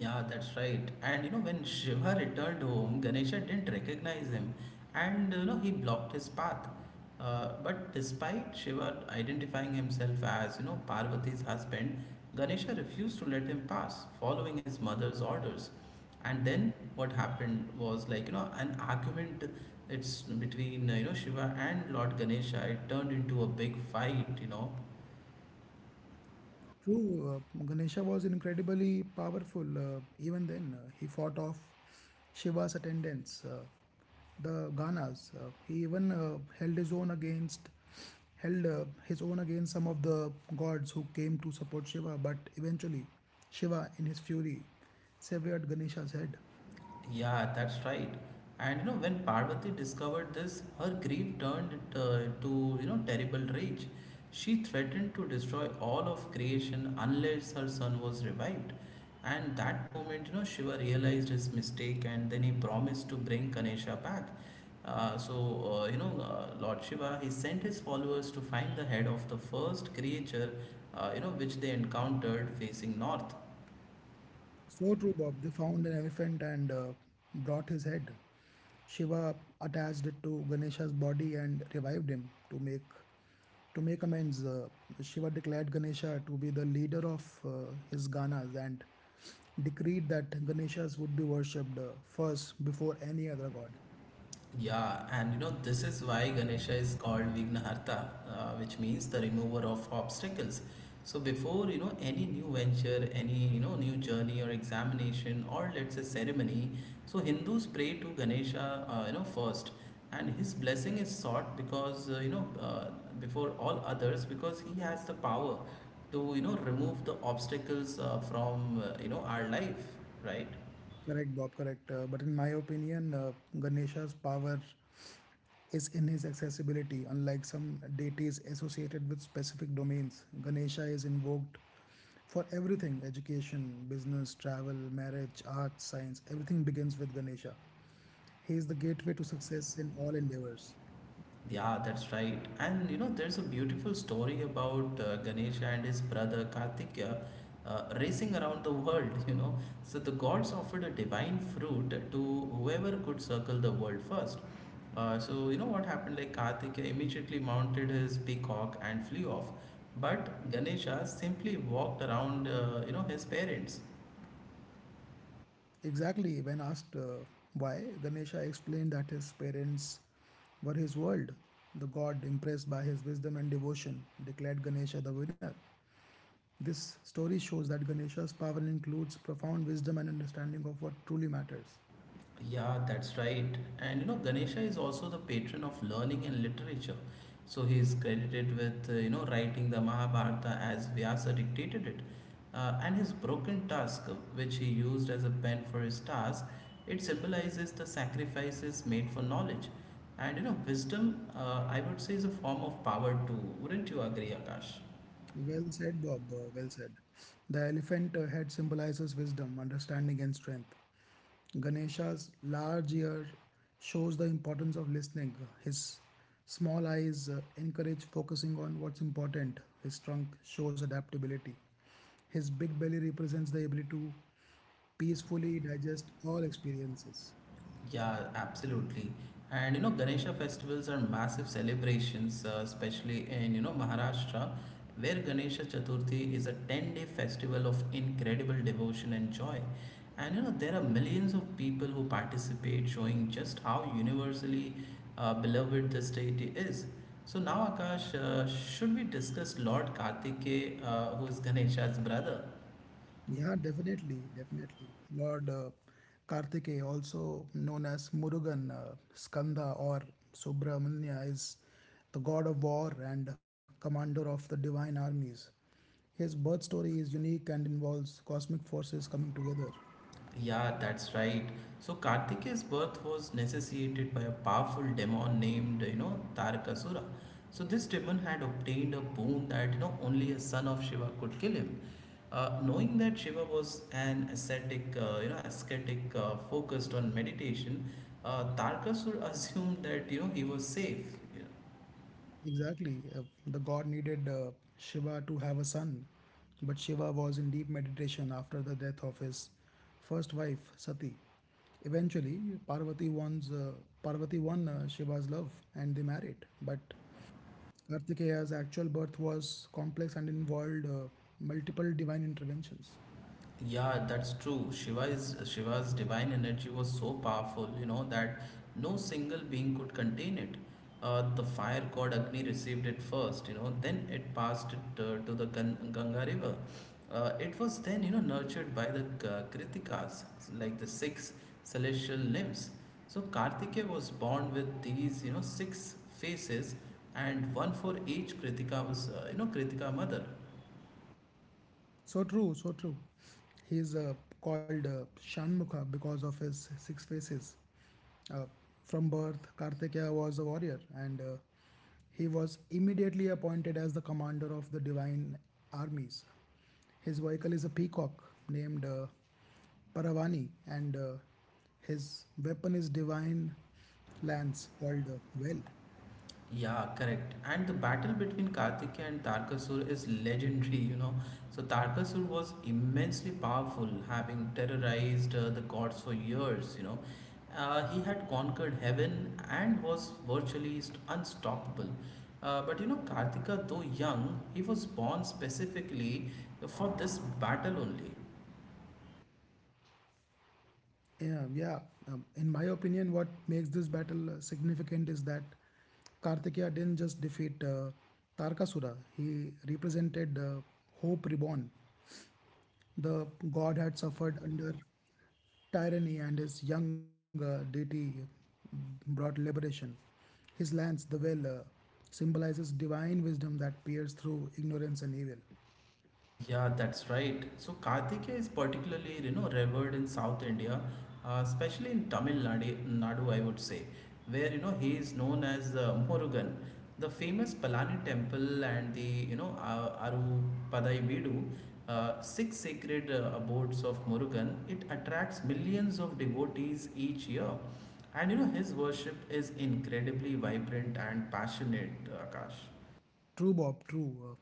Speaker 1: Yeah, that's right. And you know, when Shiva returned home, Ganesha didn't recognize him and you know, he blocked his path. Uh, but despite Shiva identifying himself as you know Parvati's husband, Ganesha refused to let him pass, following his mother's orders. And then what happened was like you know an argument. It's between uh, you know Shiva and Lord Ganesha. It turned into a big fight. You know,
Speaker 2: True, uh, Ganesha was incredibly powerful. Uh, even then, uh, he fought off Shiva's attendants, uh, the Ganas. Uh, he even uh, held his own against held uh, his own against some of the gods who came to support Shiva. But eventually, Shiva, in his fury, severed Ganesha's head.
Speaker 1: Yeah, that's right. And you know, when Parvati discovered this, her grief turned uh, to you know terrible rage. She threatened to destroy all of creation unless her son was revived. And that moment, you know, Shiva realized his mistake, and then he promised to bring Ganesha back. Uh, so uh, you know, uh, Lord Shiva, he sent his followers to find the head of the first creature, uh, you know, which they encountered facing north.
Speaker 2: So true, Bob. They found an elephant and uh, brought his head. Shiva attached it to Ganesha's body and revived him to make to make amends. Uh, Shiva declared Ganesha to be the leader of uh, his Ganas and decreed that Ganeshas would be worshipped uh, first before any other god.
Speaker 1: Yeah, and you know, this is why Ganesha is called Vignaharta, uh, which means the remover of obstacles. So before, you know, any new venture, any, you know, new journey or examination or let's say ceremony, so Hindus pray to Ganesha, uh, you know, first. And his blessing is sought because, uh, you know, uh, before all others, because he has the power to, you know, remove the obstacles uh, from, uh, you know, our life, right?
Speaker 2: Correct, Bob. Correct. Uh, but in my opinion, uh, Ganesha's power is in his accessibility, unlike some deities associated with specific domains. Ganesha is invoked for everything education, business, travel, marriage, art, science, everything begins with Ganesha. He is the gateway to success in all endeavors.
Speaker 1: Yeah, that's right. And you know, there's a beautiful story about uh, Ganesha and his brother Kartikeya uh, uh, racing around the world, you know. So the gods offered a divine fruit to whoever could circle the world first. Uh, so you know what happened? Like Kartikeya immediately mounted his peacock and flew off, but Ganesha simply walked around, uh, you know, his parents.
Speaker 2: Exactly, when asked uh, why, Ganesha explained that his parents were his world. The god, impressed by his wisdom and devotion, declared Ganesha the winner. This story shows that Ganesha's power includes profound wisdom and understanding of what truly matters.
Speaker 1: Yeah, that's right. And you know, Ganesha is also the patron of learning and literature. So he is credited with, uh, you know, writing the Mahabharata as Vyasa dictated it. Uh, and his broken tusk, which he used as a pen for his task, it symbolizes the sacrifices made for knowledge. And you know, wisdom, uh, I would say, is a form of power too. Wouldn't you agree, Akash?
Speaker 2: Well said, Bob. uh, Well said. The elephant uh, head symbolizes wisdom, understanding, and strength. Ganesha's large ear shows the importance of listening. His small eyes uh, encourage focusing on what's important. His trunk shows adaptability. His big belly represents the ability to peacefully digest all experiences.
Speaker 1: Yeah, absolutely. And you know, Ganesha festivals are massive celebrations, uh, especially in you know Maharashtra, where Ganesha Chaturthi is a ten-day festival of incredible devotion and joy. And you know, there are millions of people who participate, showing just how universally uh, beloved this deity is. So now, Akash, uh, should we discuss Lord Kartikeya, uh, who is Ganesha's brother?
Speaker 2: Yeah, definitely, definitely. Lord uh, Kartikeya, also known as Murugan, uh, Skanda, or Subramanya, is the god of war and commander of the divine armies. His birth story is unique and involves cosmic forces coming together.
Speaker 1: Yeah, that's right. So Kartikeya's birth was necessitated by a powerful demon named, you know, Tarakasura. So this demon had obtained a boon that, you know, only a son of Shiva could kill him. Uh, knowing that Shiva was an ascetic, uh, you know, ascetic uh, focused on meditation, uh, Tarakasura assumed that, you know, he was safe.
Speaker 2: Exactly. Uh, the god needed uh, Shiva to have a son, but Shiva was in deep meditation after the death of his first wife, Sati. Eventually, Parvati, wants, uh, Parvati won uh, Shiva's love and they married. But Kartikeya's actual birth was complex and involved uh, multiple divine interventions.
Speaker 1: Yeah, that's true. Shiva's Shiva's divine energy was so powerful, you know, that no single being could contain it. Uh, the fire god Agni received it first, you know, then it passed it uh, to the Gan Ganga river. Uh, it was then, you know, nurtured by the K- Kritikas, like the six celestial nymphs. So Kartikeya was born with these, you know, six faces, and one for each Kritika was, uh, you know, Kritika mother.
Speaker 2: So true, so true. He is uh, called uh, Shanmukha because of his six faces. Uh, from birth, Kartikeya was a warrior, and uh, he was immediately appointed as the commander of the divine armies. His vehicle is a peacock named uh, Paravani, and uh, his weapon is divine lance called uh, Well.
Speaker 1: Yeah, correct. And the battle between Kartikeya and Tarkasur is legendary, you know. So, Tarkasur was immensely powerful, having terrorized uh, the gods for years, you know. Uh, he had conquered heaven and was virtually st- unstoppable. Uh, but you know, Kartika, though young, he was born specifically for this battle only.
Speaker 2: Yeah, yeah. Um, in my opinion, what makes this battle uh, significant is that Kartikeya didn't just defeat uh, Tarkasura, he represented uh, Hope Reborn. The god had suffered under tyranny, and his young uh, deity brought liberation. His lance, the well, uh, symbolizes divine wisdom that peers through ignorance and evil.
Speaker 1: Yeah, that's right. So Kartikeya is particularly, you know, revered in South India, uh, especially in Tamil Nadu, Nadu, I would say, where you know he is known as uh, Murugan, the famous Palani temple and the you know uh, Arupadai Veedu, uh, six sacred uh, abodes of Murugan. It attracts millions of devotees each year, and you know his worship is incredibly vibrant and passionate, Akash.
Speaker 2: True, Bob. True. Uh,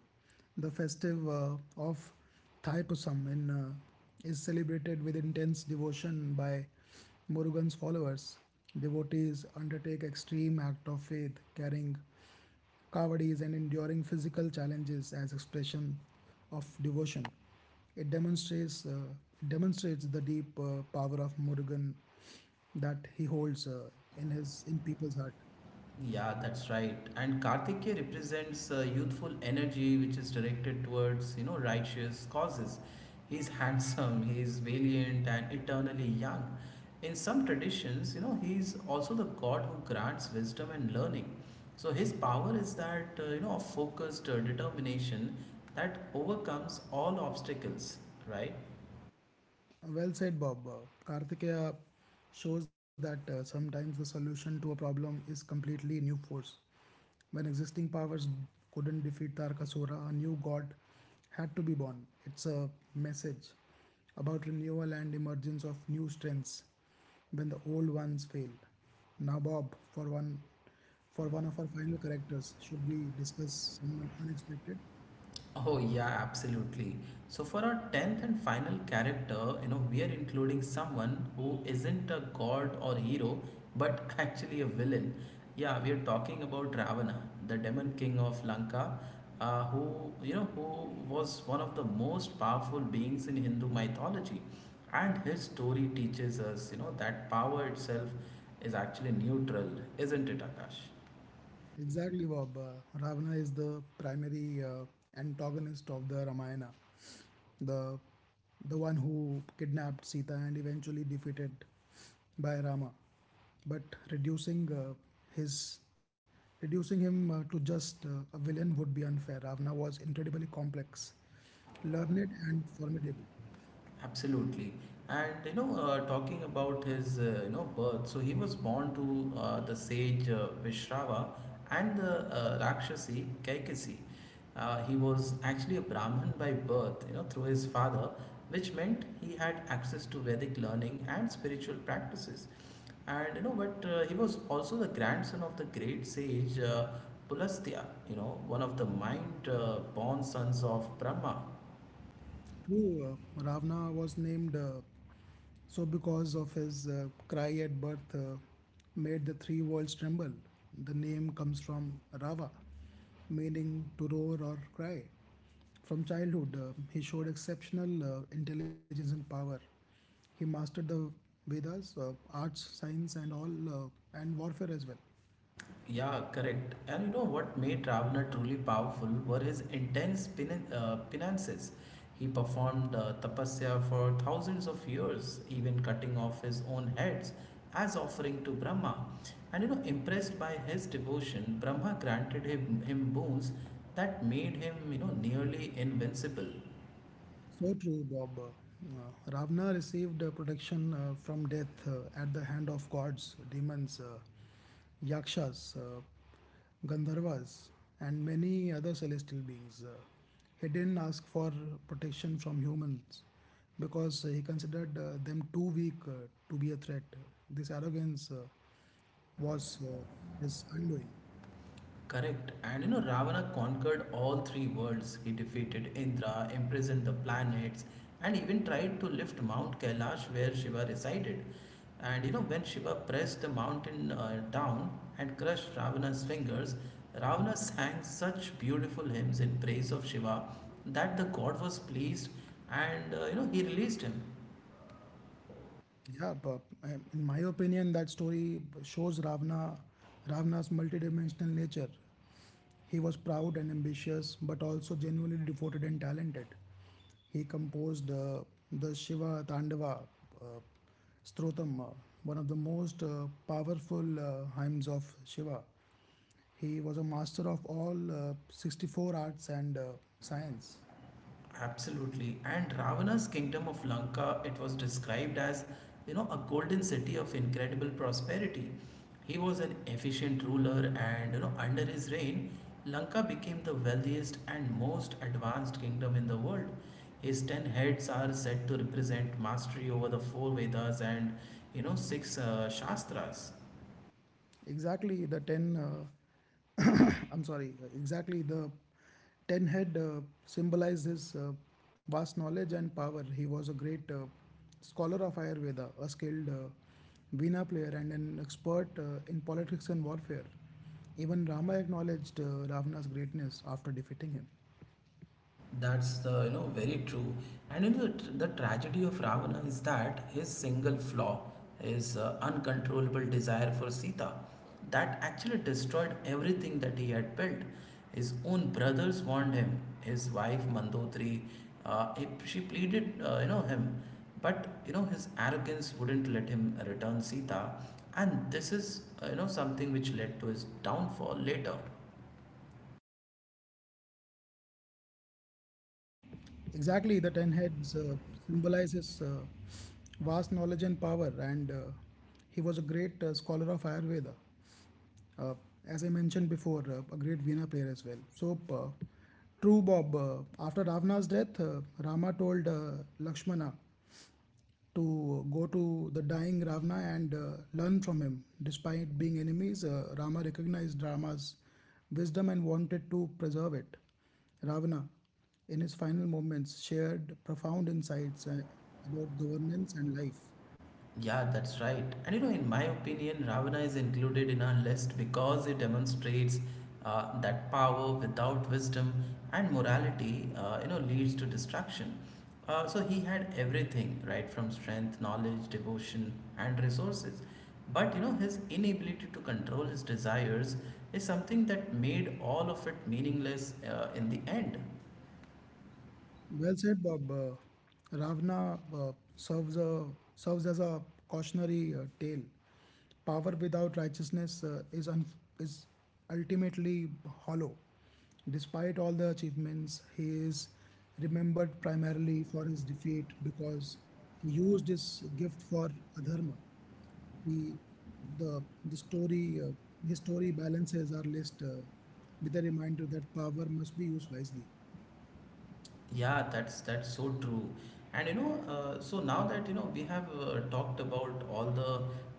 Speaker 2: The festive uh, of Thaipusam in uh, is celebrated with intense devotion by Murugan's followers. Devotees undertake extreme act of faith, carrying kavadis and enduring physical challenges as expression of devotion. It demonstrates uh, demonstrates the deep uh, power of Murugan that he holds uh, in his in people's heart.
Speaker 1: Yeah, that's right. And Karthikeya represents uh, youthful energy which is directed towards, you know, righteous causes. He's handsome, he's valiant and eternally young. In some traditions, you know, he's also the god who grants wisdom and learning. So his power is that, uh, you know, of focused uh, determination that overcomes all obstacles, right?
Speaker 2: Well said, Bob. Uh, Karthikeya shows that uh, sometimes the solution to a problem is completely new force. When existing powers couldn't defeat Tarkasura, a new god had to be born. It's a message about renewal and emergence of new strengths when the old ones failed. Now, Bob, for one, for one of our final characters, should we discuss someone unexpected?
Speaker 1: Oh yeah, absolutely. So for our tenth and final character, you know, we are including someone who isn't a god or hero, but actually a villain. Yeah, we are talking about Ravana, the demon king of Lanka, uh, who you know who was one of the most powerful beings in Hindu mythology, and his story teaches us, you know, that power itself is actually neutral, isn't it, Akash?
Speaker 2: Exactly, Bob. Uh, Ravana is the primary uh, antagonist of the Ramayana, the the one who kidnapped Sita and eventually defeated by Rama, but reducing uh, his reducing him uh, to just uh, a villain would be unfair. Ravana was incredibly complex, learned, and formidable.
Speaker 1: Absolutely. And you know, uh, talking about his uh, you know birth, so he was born to uh, the sage uh, Vishrava and the uh, Rakshasi Kaikasi. Uh, he was actually a Brahmin by birth, you know, through his father, which meant he had access to Vedic learning and spiritual practices. And you know, but uh, he was also the grandson of the great sage uh, Pulastya, you know, one of the mind uh, born sons of Brahma.
Speaker 2: True, uh, Ravana was named uh, so because of his uh, cry at birth uh, made the three worlds tremble. The name comes from Rava, meaning to roar or cry. From childhood, uh, he showed exceptional uh, intelligence and power. He mastered the Vedas, uh, arts, science, and all, uh, and warfare as well.
Speaker 1: Yeah, correct. And you know what made Ravana truly powerful were his intense pin- uh, penances. He performed uh, tapasya for thousands of years, even cutting off his own heads as offering to Brahma. And you know, impressed by his devotion, Brahma granted him, him boons that made him, you know, nearly invincible.
Speaker 2: So true, Bob. Uh, Ravana received uh, protection uh, from death uh, at the hand of gods, demons, uh, yakshas, uh, gandharvas, and many other celestial beings. Uh, he didn't ask for protection from humans because he considered uh, them too weak uh, to be a threat. This arrogance uh, was uh, his undoing.
Speaker 1: Correct. And you know, Ravana conquered all three worlds. He defeated Indra, imprisoned the planets, and even tried to lift Mount Kailash where Shiva resided. And you know, when Shiva pressed the mountain uh, down and crushed Ravana's fingers, Ravana sang such beautiful hymns in praise of Shiva that the god was pleased and uh, you know, he released him.
Speaker 2: Yeah, but um, in my opinion, that story shows Ravana, Ravana's multidimensional nature. He was proud and ambitious, but also genuinely devoted and talented. He composed uh, the Shiva Tandava uh, Strotam, uh, one of the most uh, powerful uh, hymns of Shiva. He was a master of all uh, sixty-four arts and uh, science.
Speaker 1: Absolutely. And Ravana's kingdom of Lanka, it was described as, you know, a golden city of incredible prosperity. He was an efficient ruler and, you know, under his reign, Lanka became the wealthiest and most advanced kingdom in the world. His ten heads are said to represent mastery over the four Vedas and, you know, six uh, Shastras.
Speaker 2: Exactly the ten uh, I'm sorry exactly the ten head uh, symbolized his uh, vast knowledge and power. He was a great uh, scholar of Ayurveda, a skilled uh, veena player, and an expert uh, in politics and warfare. Even Rama acknowledged uh, Ravana's greatness after defeating him.
Speaker 1: That's the, you know, very true. And you know, the, the tragedy of Ravana is that his single flaw, his uh, uncontrollable desire for Sita, that actually destroyed everything that he had built. His own brothers warned him. His wife Mandotri, uh, if she pleaded, uh, you know, him. But you know, his arrogance wouldn't let him return Sita, and this is, uh, you know, something which led to his downfall later.
Speaker 2: Exactly, the ten heads uh, symbolizes uh, vast knowledge and power, and uh, he was a great uh, scholar of Ayurveda. Uh, as I mentioned before, uh, a great Veena player as well. So, uh, true, Bob. Uh, after Ravana's death, uh, Rama told uh, Lakshmana to uh, go to the dying Ravana and uh, learn from him. Despite being enemies, uh, Rama recognized Rama's wisdom and wanted to preserve it. Ravana, in his final moments, shared profound insights uh, about governance and life.
Speaker 1: Yeah, that's right. And you know, in my opinion, Ravana is included in our list because it demonstrates uh, that power without wisdom and morality, uh, you know, leads to destruction. Uh, so he had everything, right, from strength, knowledge, devotion, and resources. But you know, his inability to control his desires is something that made all of it meaningless uh, in the end.
Speaker 2: Well said, Bob. Uh, Ravana uh, serves a serves as a cautionary uh, tale. Power without righteousness uh, is un- is ultimately hollow. Despite all the achievements, he is remembered primarily for his defeat because he used his gift for adharma. He the the story uh, his story balances our list uh, with a reminder that power must be used wisely.
Speaker 1: Yeah, that's that's so true. And you know, uh, so now that you know we have uh, talked about all the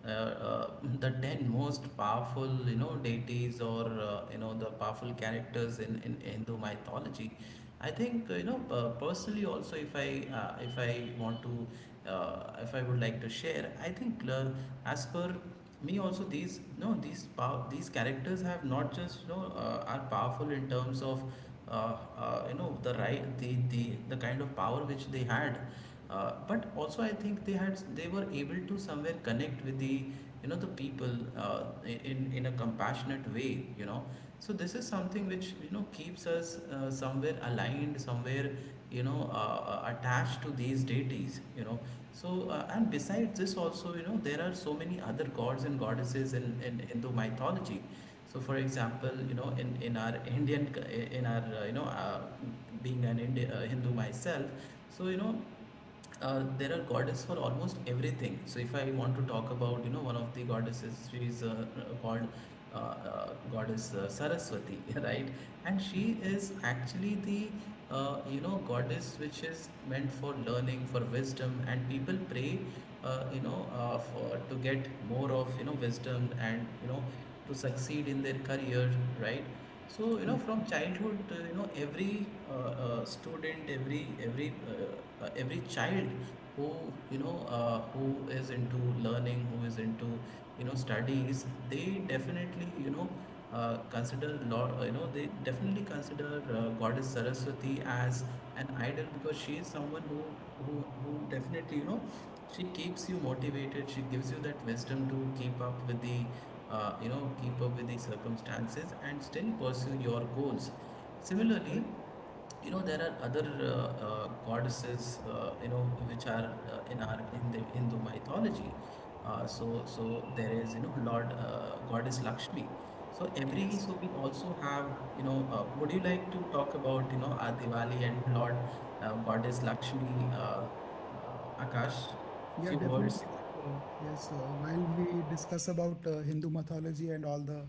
Speaker 1: uh, uh, the ten most powerful you know deities or uh, you know the powerful characters in, in Hindu mythology, I think uh, you know uh, personally also if I uh, if I want to uh, if I would like to share. I think uh, as per me also these no these pow- these characters have not just you know uh, are powerful in terms of uh, uh, you know the right the, the the kind of power which they had, uh, but also I think they had they were able to somewhere connect with the you know the people uh, in in a compassionate way. You know so this is something which you know keeps us uh, somewhere aligned, somewhere you know uh, uh, attached to these deities. You know so uh, and besides this also, you know there are so many other gods and goddesses in, in Hindu mythology. So for example, you know in in our Indian, in our uh, you know uh, being an Indian, uh, Hindu myself, so you know uh, there are goddess for almost everything. So if I want to talk about, you know one of the goddesses, she is uh, called uh, uh, goddess uh, Saraswati right? And she is actually the uh, you know goddess which is meant for learning, for wisdom, and people pray uh, you know uh, for to get more of, you know wisdom and you know to succeed in their career, right? So you know
Speaker 2: Correct.
Speaker 1: from childhood, uh, you know every uh, uh, student, every every uh, uh, every child who you know uh, who is into learning, who is into, you know studies, they definitely you know uh, consider lord, uh, you know they definitely consider uh, goddess Saraswati as an idol, because she is someone who who who definitely, you know she keeps you motivated, she gives you that wisdom to keep up with the uh, you know keep up with the circumstances and still pursue your goals. Similarly, you know there are other uh, uh, goddesses uh, you know which are uh, in our, in the Hindu mythology. Uh, so so there is, you know Lord, uh, goddess Lakshmi. So every,
Speaker 2: Yes.
Speaker 1: so we also have, you know uh, would you like to talk about, you know our Diwali and Lord uh, goddess Lakshmi, uh, uh, Akash?
Speaker 2: Yeah,
Speaker 1: Few words.
Speaker 2: definitely. Uh, yes, uh, while we discuss about uh, Hindu mythology and all the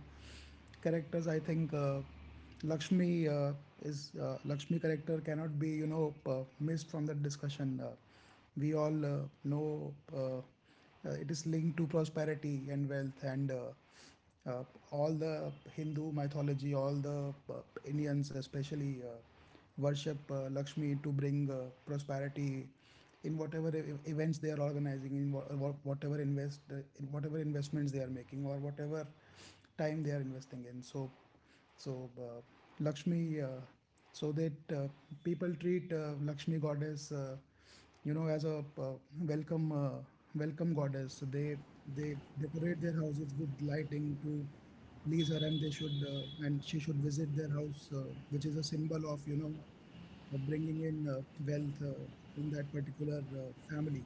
Speaker 2: characters, I think uh, Lakshmi uh, is uh, Lakshmi character cannot be you know uh, missed from that discussion. Uh, we all uh, know uh, uh, it is linked to prosperity and wealth. And. Uh, uh, all the Hindu mythology, all the uh, Indians, especially, uh, worship uh, Lakshmi to bring uh, prosperity in whatever e- events they are organizing, in wha- wha- whatever invest, uh, in whatever investments they are making, or whatever time they are investing in. So, so uh, Lakshmi, uh, so that uh, people treat uh, Lakshmi goddess, uh, you know as a uh, welcome uh, welcome goddess. They they decorate their houses with lighting to please her, and they should uh, and she should visit their house, uh, which is a symbol of, you know uh, bringing in uh, wealth uh, in that particular uh, family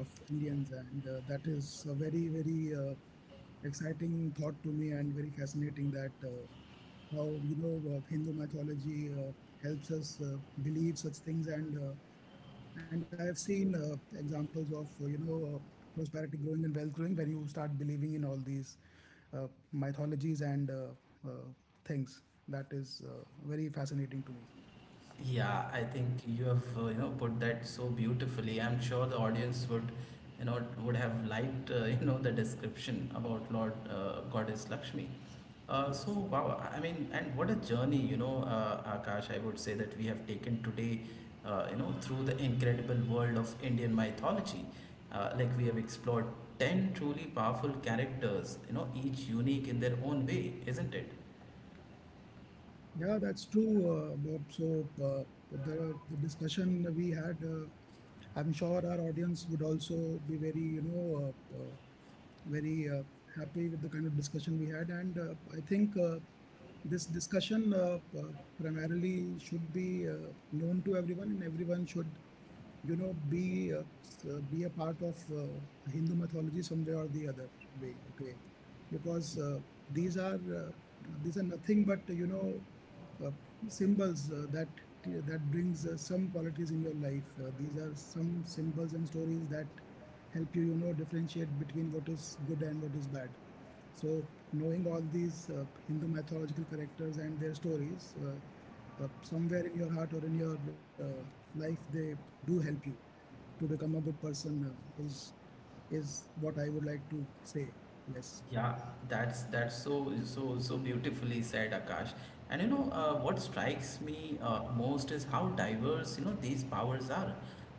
Speaker 2: of Indians. And uh, that is a very, very uh, exciting thought to me, and very fascinating that, uh, how you know uh, Hindu mythology uh, helps us uh, believe such things. And uh, and I've seen uh, examples of, uh, you know, uh, prosperity growing and wealth growing when you start believing in all these uh, mythologies and uh, uh, things. That is uh, very fascinating to me.
Speaker 1: Yeah, I think you have uh, you know put that so beautifully. I'm sure the audience would, you know would have liked uh, you know the description about Lord, uh, Goddess Lakshmi. Uh, so
Speaker 2: Yes.
Speaker 1: wow, I mean, and what a journey, you know, uh, Akash, I would say that we have taken today, uh, you know, through the incredible world of Indian mythology. Uh, like, we have explored ten truly powerful characters, you know, each unique in their own way, isn't it?
Speaker 2: Yeah, that's true, uh, Bob. So uh, the, the discussion we had, uh, I'm sure our audience would also be very, you know, uh, uh, very uh, happy with the kind of discussion we had. And uh, I think uh, this discussion uh, uh, primarily should be uh, known to everyone, and everyone should, you know be uh, s- uh, be a part of uh, Hindu mythology some way or the other way, okay, because uh, these are uh, these are nothing but, you know uh, symbols uh, that that brings uh, some qualities in your life. Uh, these are some symbols and stories that help you, you know differentiate between what is good and what is bad. So, knowing all these uh, Hindu mythological characters and their stories, uh, uh, somewhere in your heart or in your uh, life, they do help you to become a good person, uh, is is what I would like to say. Yes.
Speaker 1: Yeah, that's that's so so so beautifully said, Akash. And you know, uh, what strikes me uh, most is how diverse, you know these powers are.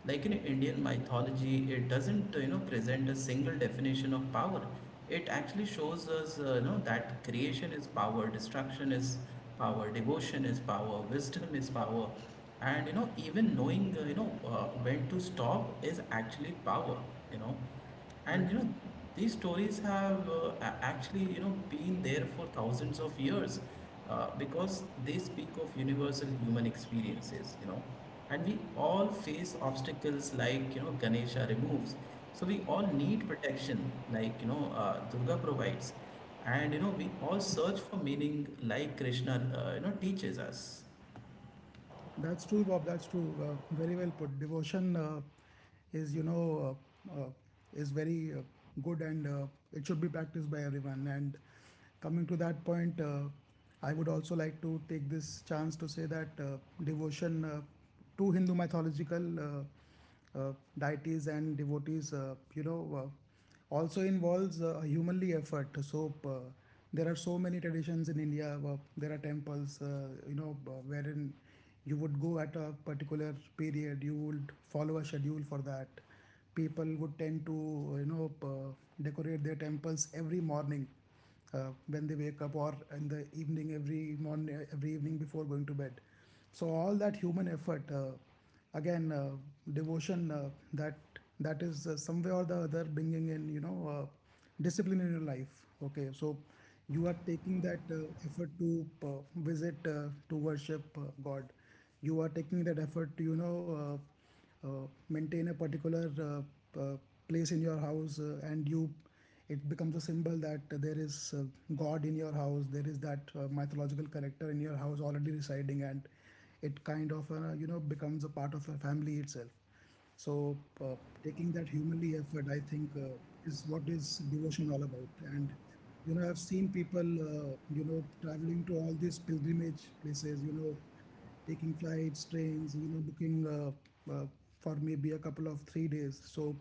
Speaker 1: Like, in Indian mythology, it doesn't uh, you know present a single definition of power. It actually shows us, uh, you know that creation is power, destruction is power, devotion is power, wisdom is power, and you know even knowing, uh, you know uh, when to stop is actually power. You know and you
Speaker 2: Correct.
Speaker 1: know These stories have uh, a- actually, you know been there for thousands of years, uh, because they speak of universal human experiences. You know and we all face obstacles like, you know Ganesha removes, so we all need protection like, you know uh, Durga provides, and you know we all search for meaning like Krishna uh, you know teaches us.
Speaker 2: That's true, Bob. That's true. Uh, very well put. Devotion, uh, is, you know, uh, uh, is very uh, good, and uh, it should be practiced by everyone. And coming to that point, uh, I would also like to take this chance to say that uh, devotion uh, to Hindu mythological uh, uh, deities and devotees, uh, you know, uh, also involves uh, humanly effort. So uh, there are so many traditions in India. Uh, there are temples, uh, you know uh, wherein you would go at a particular period, you would follow a schedule for that. People would tend to, you know uh, decorate their temples every morning, uh, when they wake up, or in the evening, every morning, every evening before going to bed. So all that human effort, uh, again uh, devotion, uh, that that is uh, some way or the other bringing in, you know uh, discipline in your life, okay. So you are taking that uh, effort to uh, visit, uh, to worship uh, god. You are taking that effort to, you know uh, uh, maintain a particular uh, uh, place in your house, uh, and you, it becomes a symbol that there is uh, god in your house, there is that uh, mythological character in your house already residing, and it kind of, uh, you know becomes a part of your family itself. So uh, taking that humanly effort, I think uh, is what is devotion all about. And you know, I've seen people, uh, you know traveling to all these pilgrimage places, you know, taking flights, trains, you know, booking uh, uh, for maybe a couple of three days. So,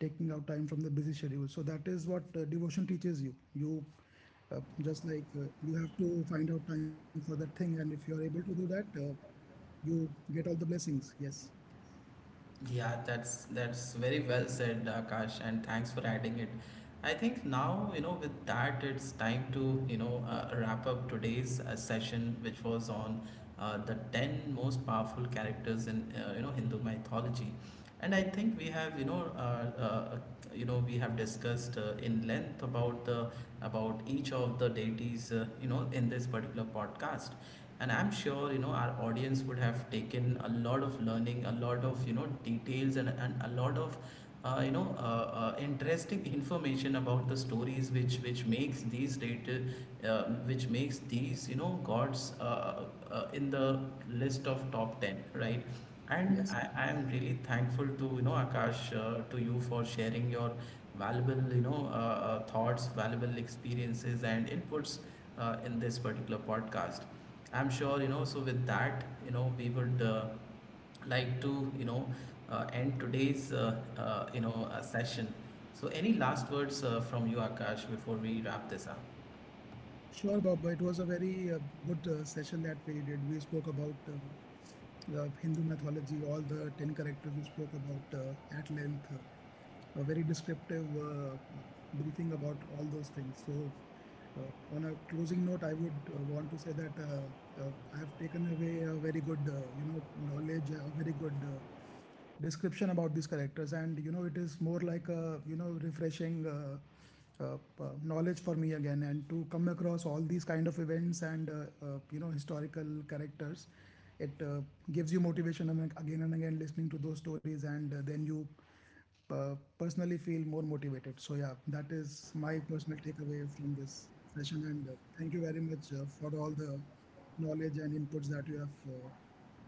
Speaker 2: taking out time from the busy schedule. So that is what uh, devotion teaches you. You uh, just like uh, you have to find out time for that thing, and if you are able to do that, uh, you get all the blessings. Yes,
Speaker 1: Yeah, that's that's very well said, Akash, and thanks for adding it. I think now, you know, with that, it's time to you know, uh, wrap up today's uh, session, which was on uh, the ten most powerful characters in, uh, you know, Hindu mythology. And I think we have you know, uh, uh, you know, we have discussed uh, in length about the, about each of the deities, uh, you know, in this particular podcast. And I'm sure, you know, our audience would have taken a lot of learning, a lot of you know, details, and and a lot of. Uh, you know, uh, uh, interesting information about the stories, which which makes these data, uh, which makes these, you know gods, uh, uh, in the list of top ten, right? And
Speaker 2: yes.
Speaker 1: I, I am really thankful to, you know Akash, uh, to you, for sharing your valuable, you know uh, uh, thoughts, valuable experiences and inputs uh, in this particular podcast. I'm sure you know. So with that, you know, we would uh, like to, you know uh, end today's uh, uh, you know uh, session. So any last words uh, from you, Akash, before we wrap this up?
Speaker 2: Sure, Bob. It was a very uh, good uh, session that we did. We spoke about um, the Hindu mythology, all the ten characters we spoke about uh, at length, uh, a very descriptive uh, uh, briefing about all those things. So, uh, on a closing note, I would uh, want to say that uh, uh, I have taken away a very good, uh, you know, knowledge, a very good uh, description about these characters. And you know, it is more like a, you know, refreshing uh, uh, uh, knowledge for me again, and to come across all these kind of events and, uh, uh, you know historical characters. It uh, gives you motivation again and again, listening to those stories, and uh, then you uh, personally feel more motivated. So yeah, that is my personal takeaway from this session. And uh, thank you very much uh, for all the knowledge and inputs that you have uh,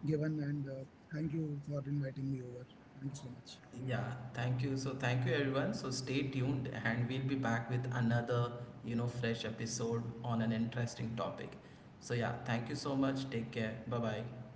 Speaker 2: given. And uh, thank you for inviting me over. Thank you so much.
Speaker 1: Yeah, thank you. So thank you everyone. So stay tuned, and we'll be back with another, you know, fresh episode on an interesting topic. So yeah, thank you so much. Take care. Bye-bye.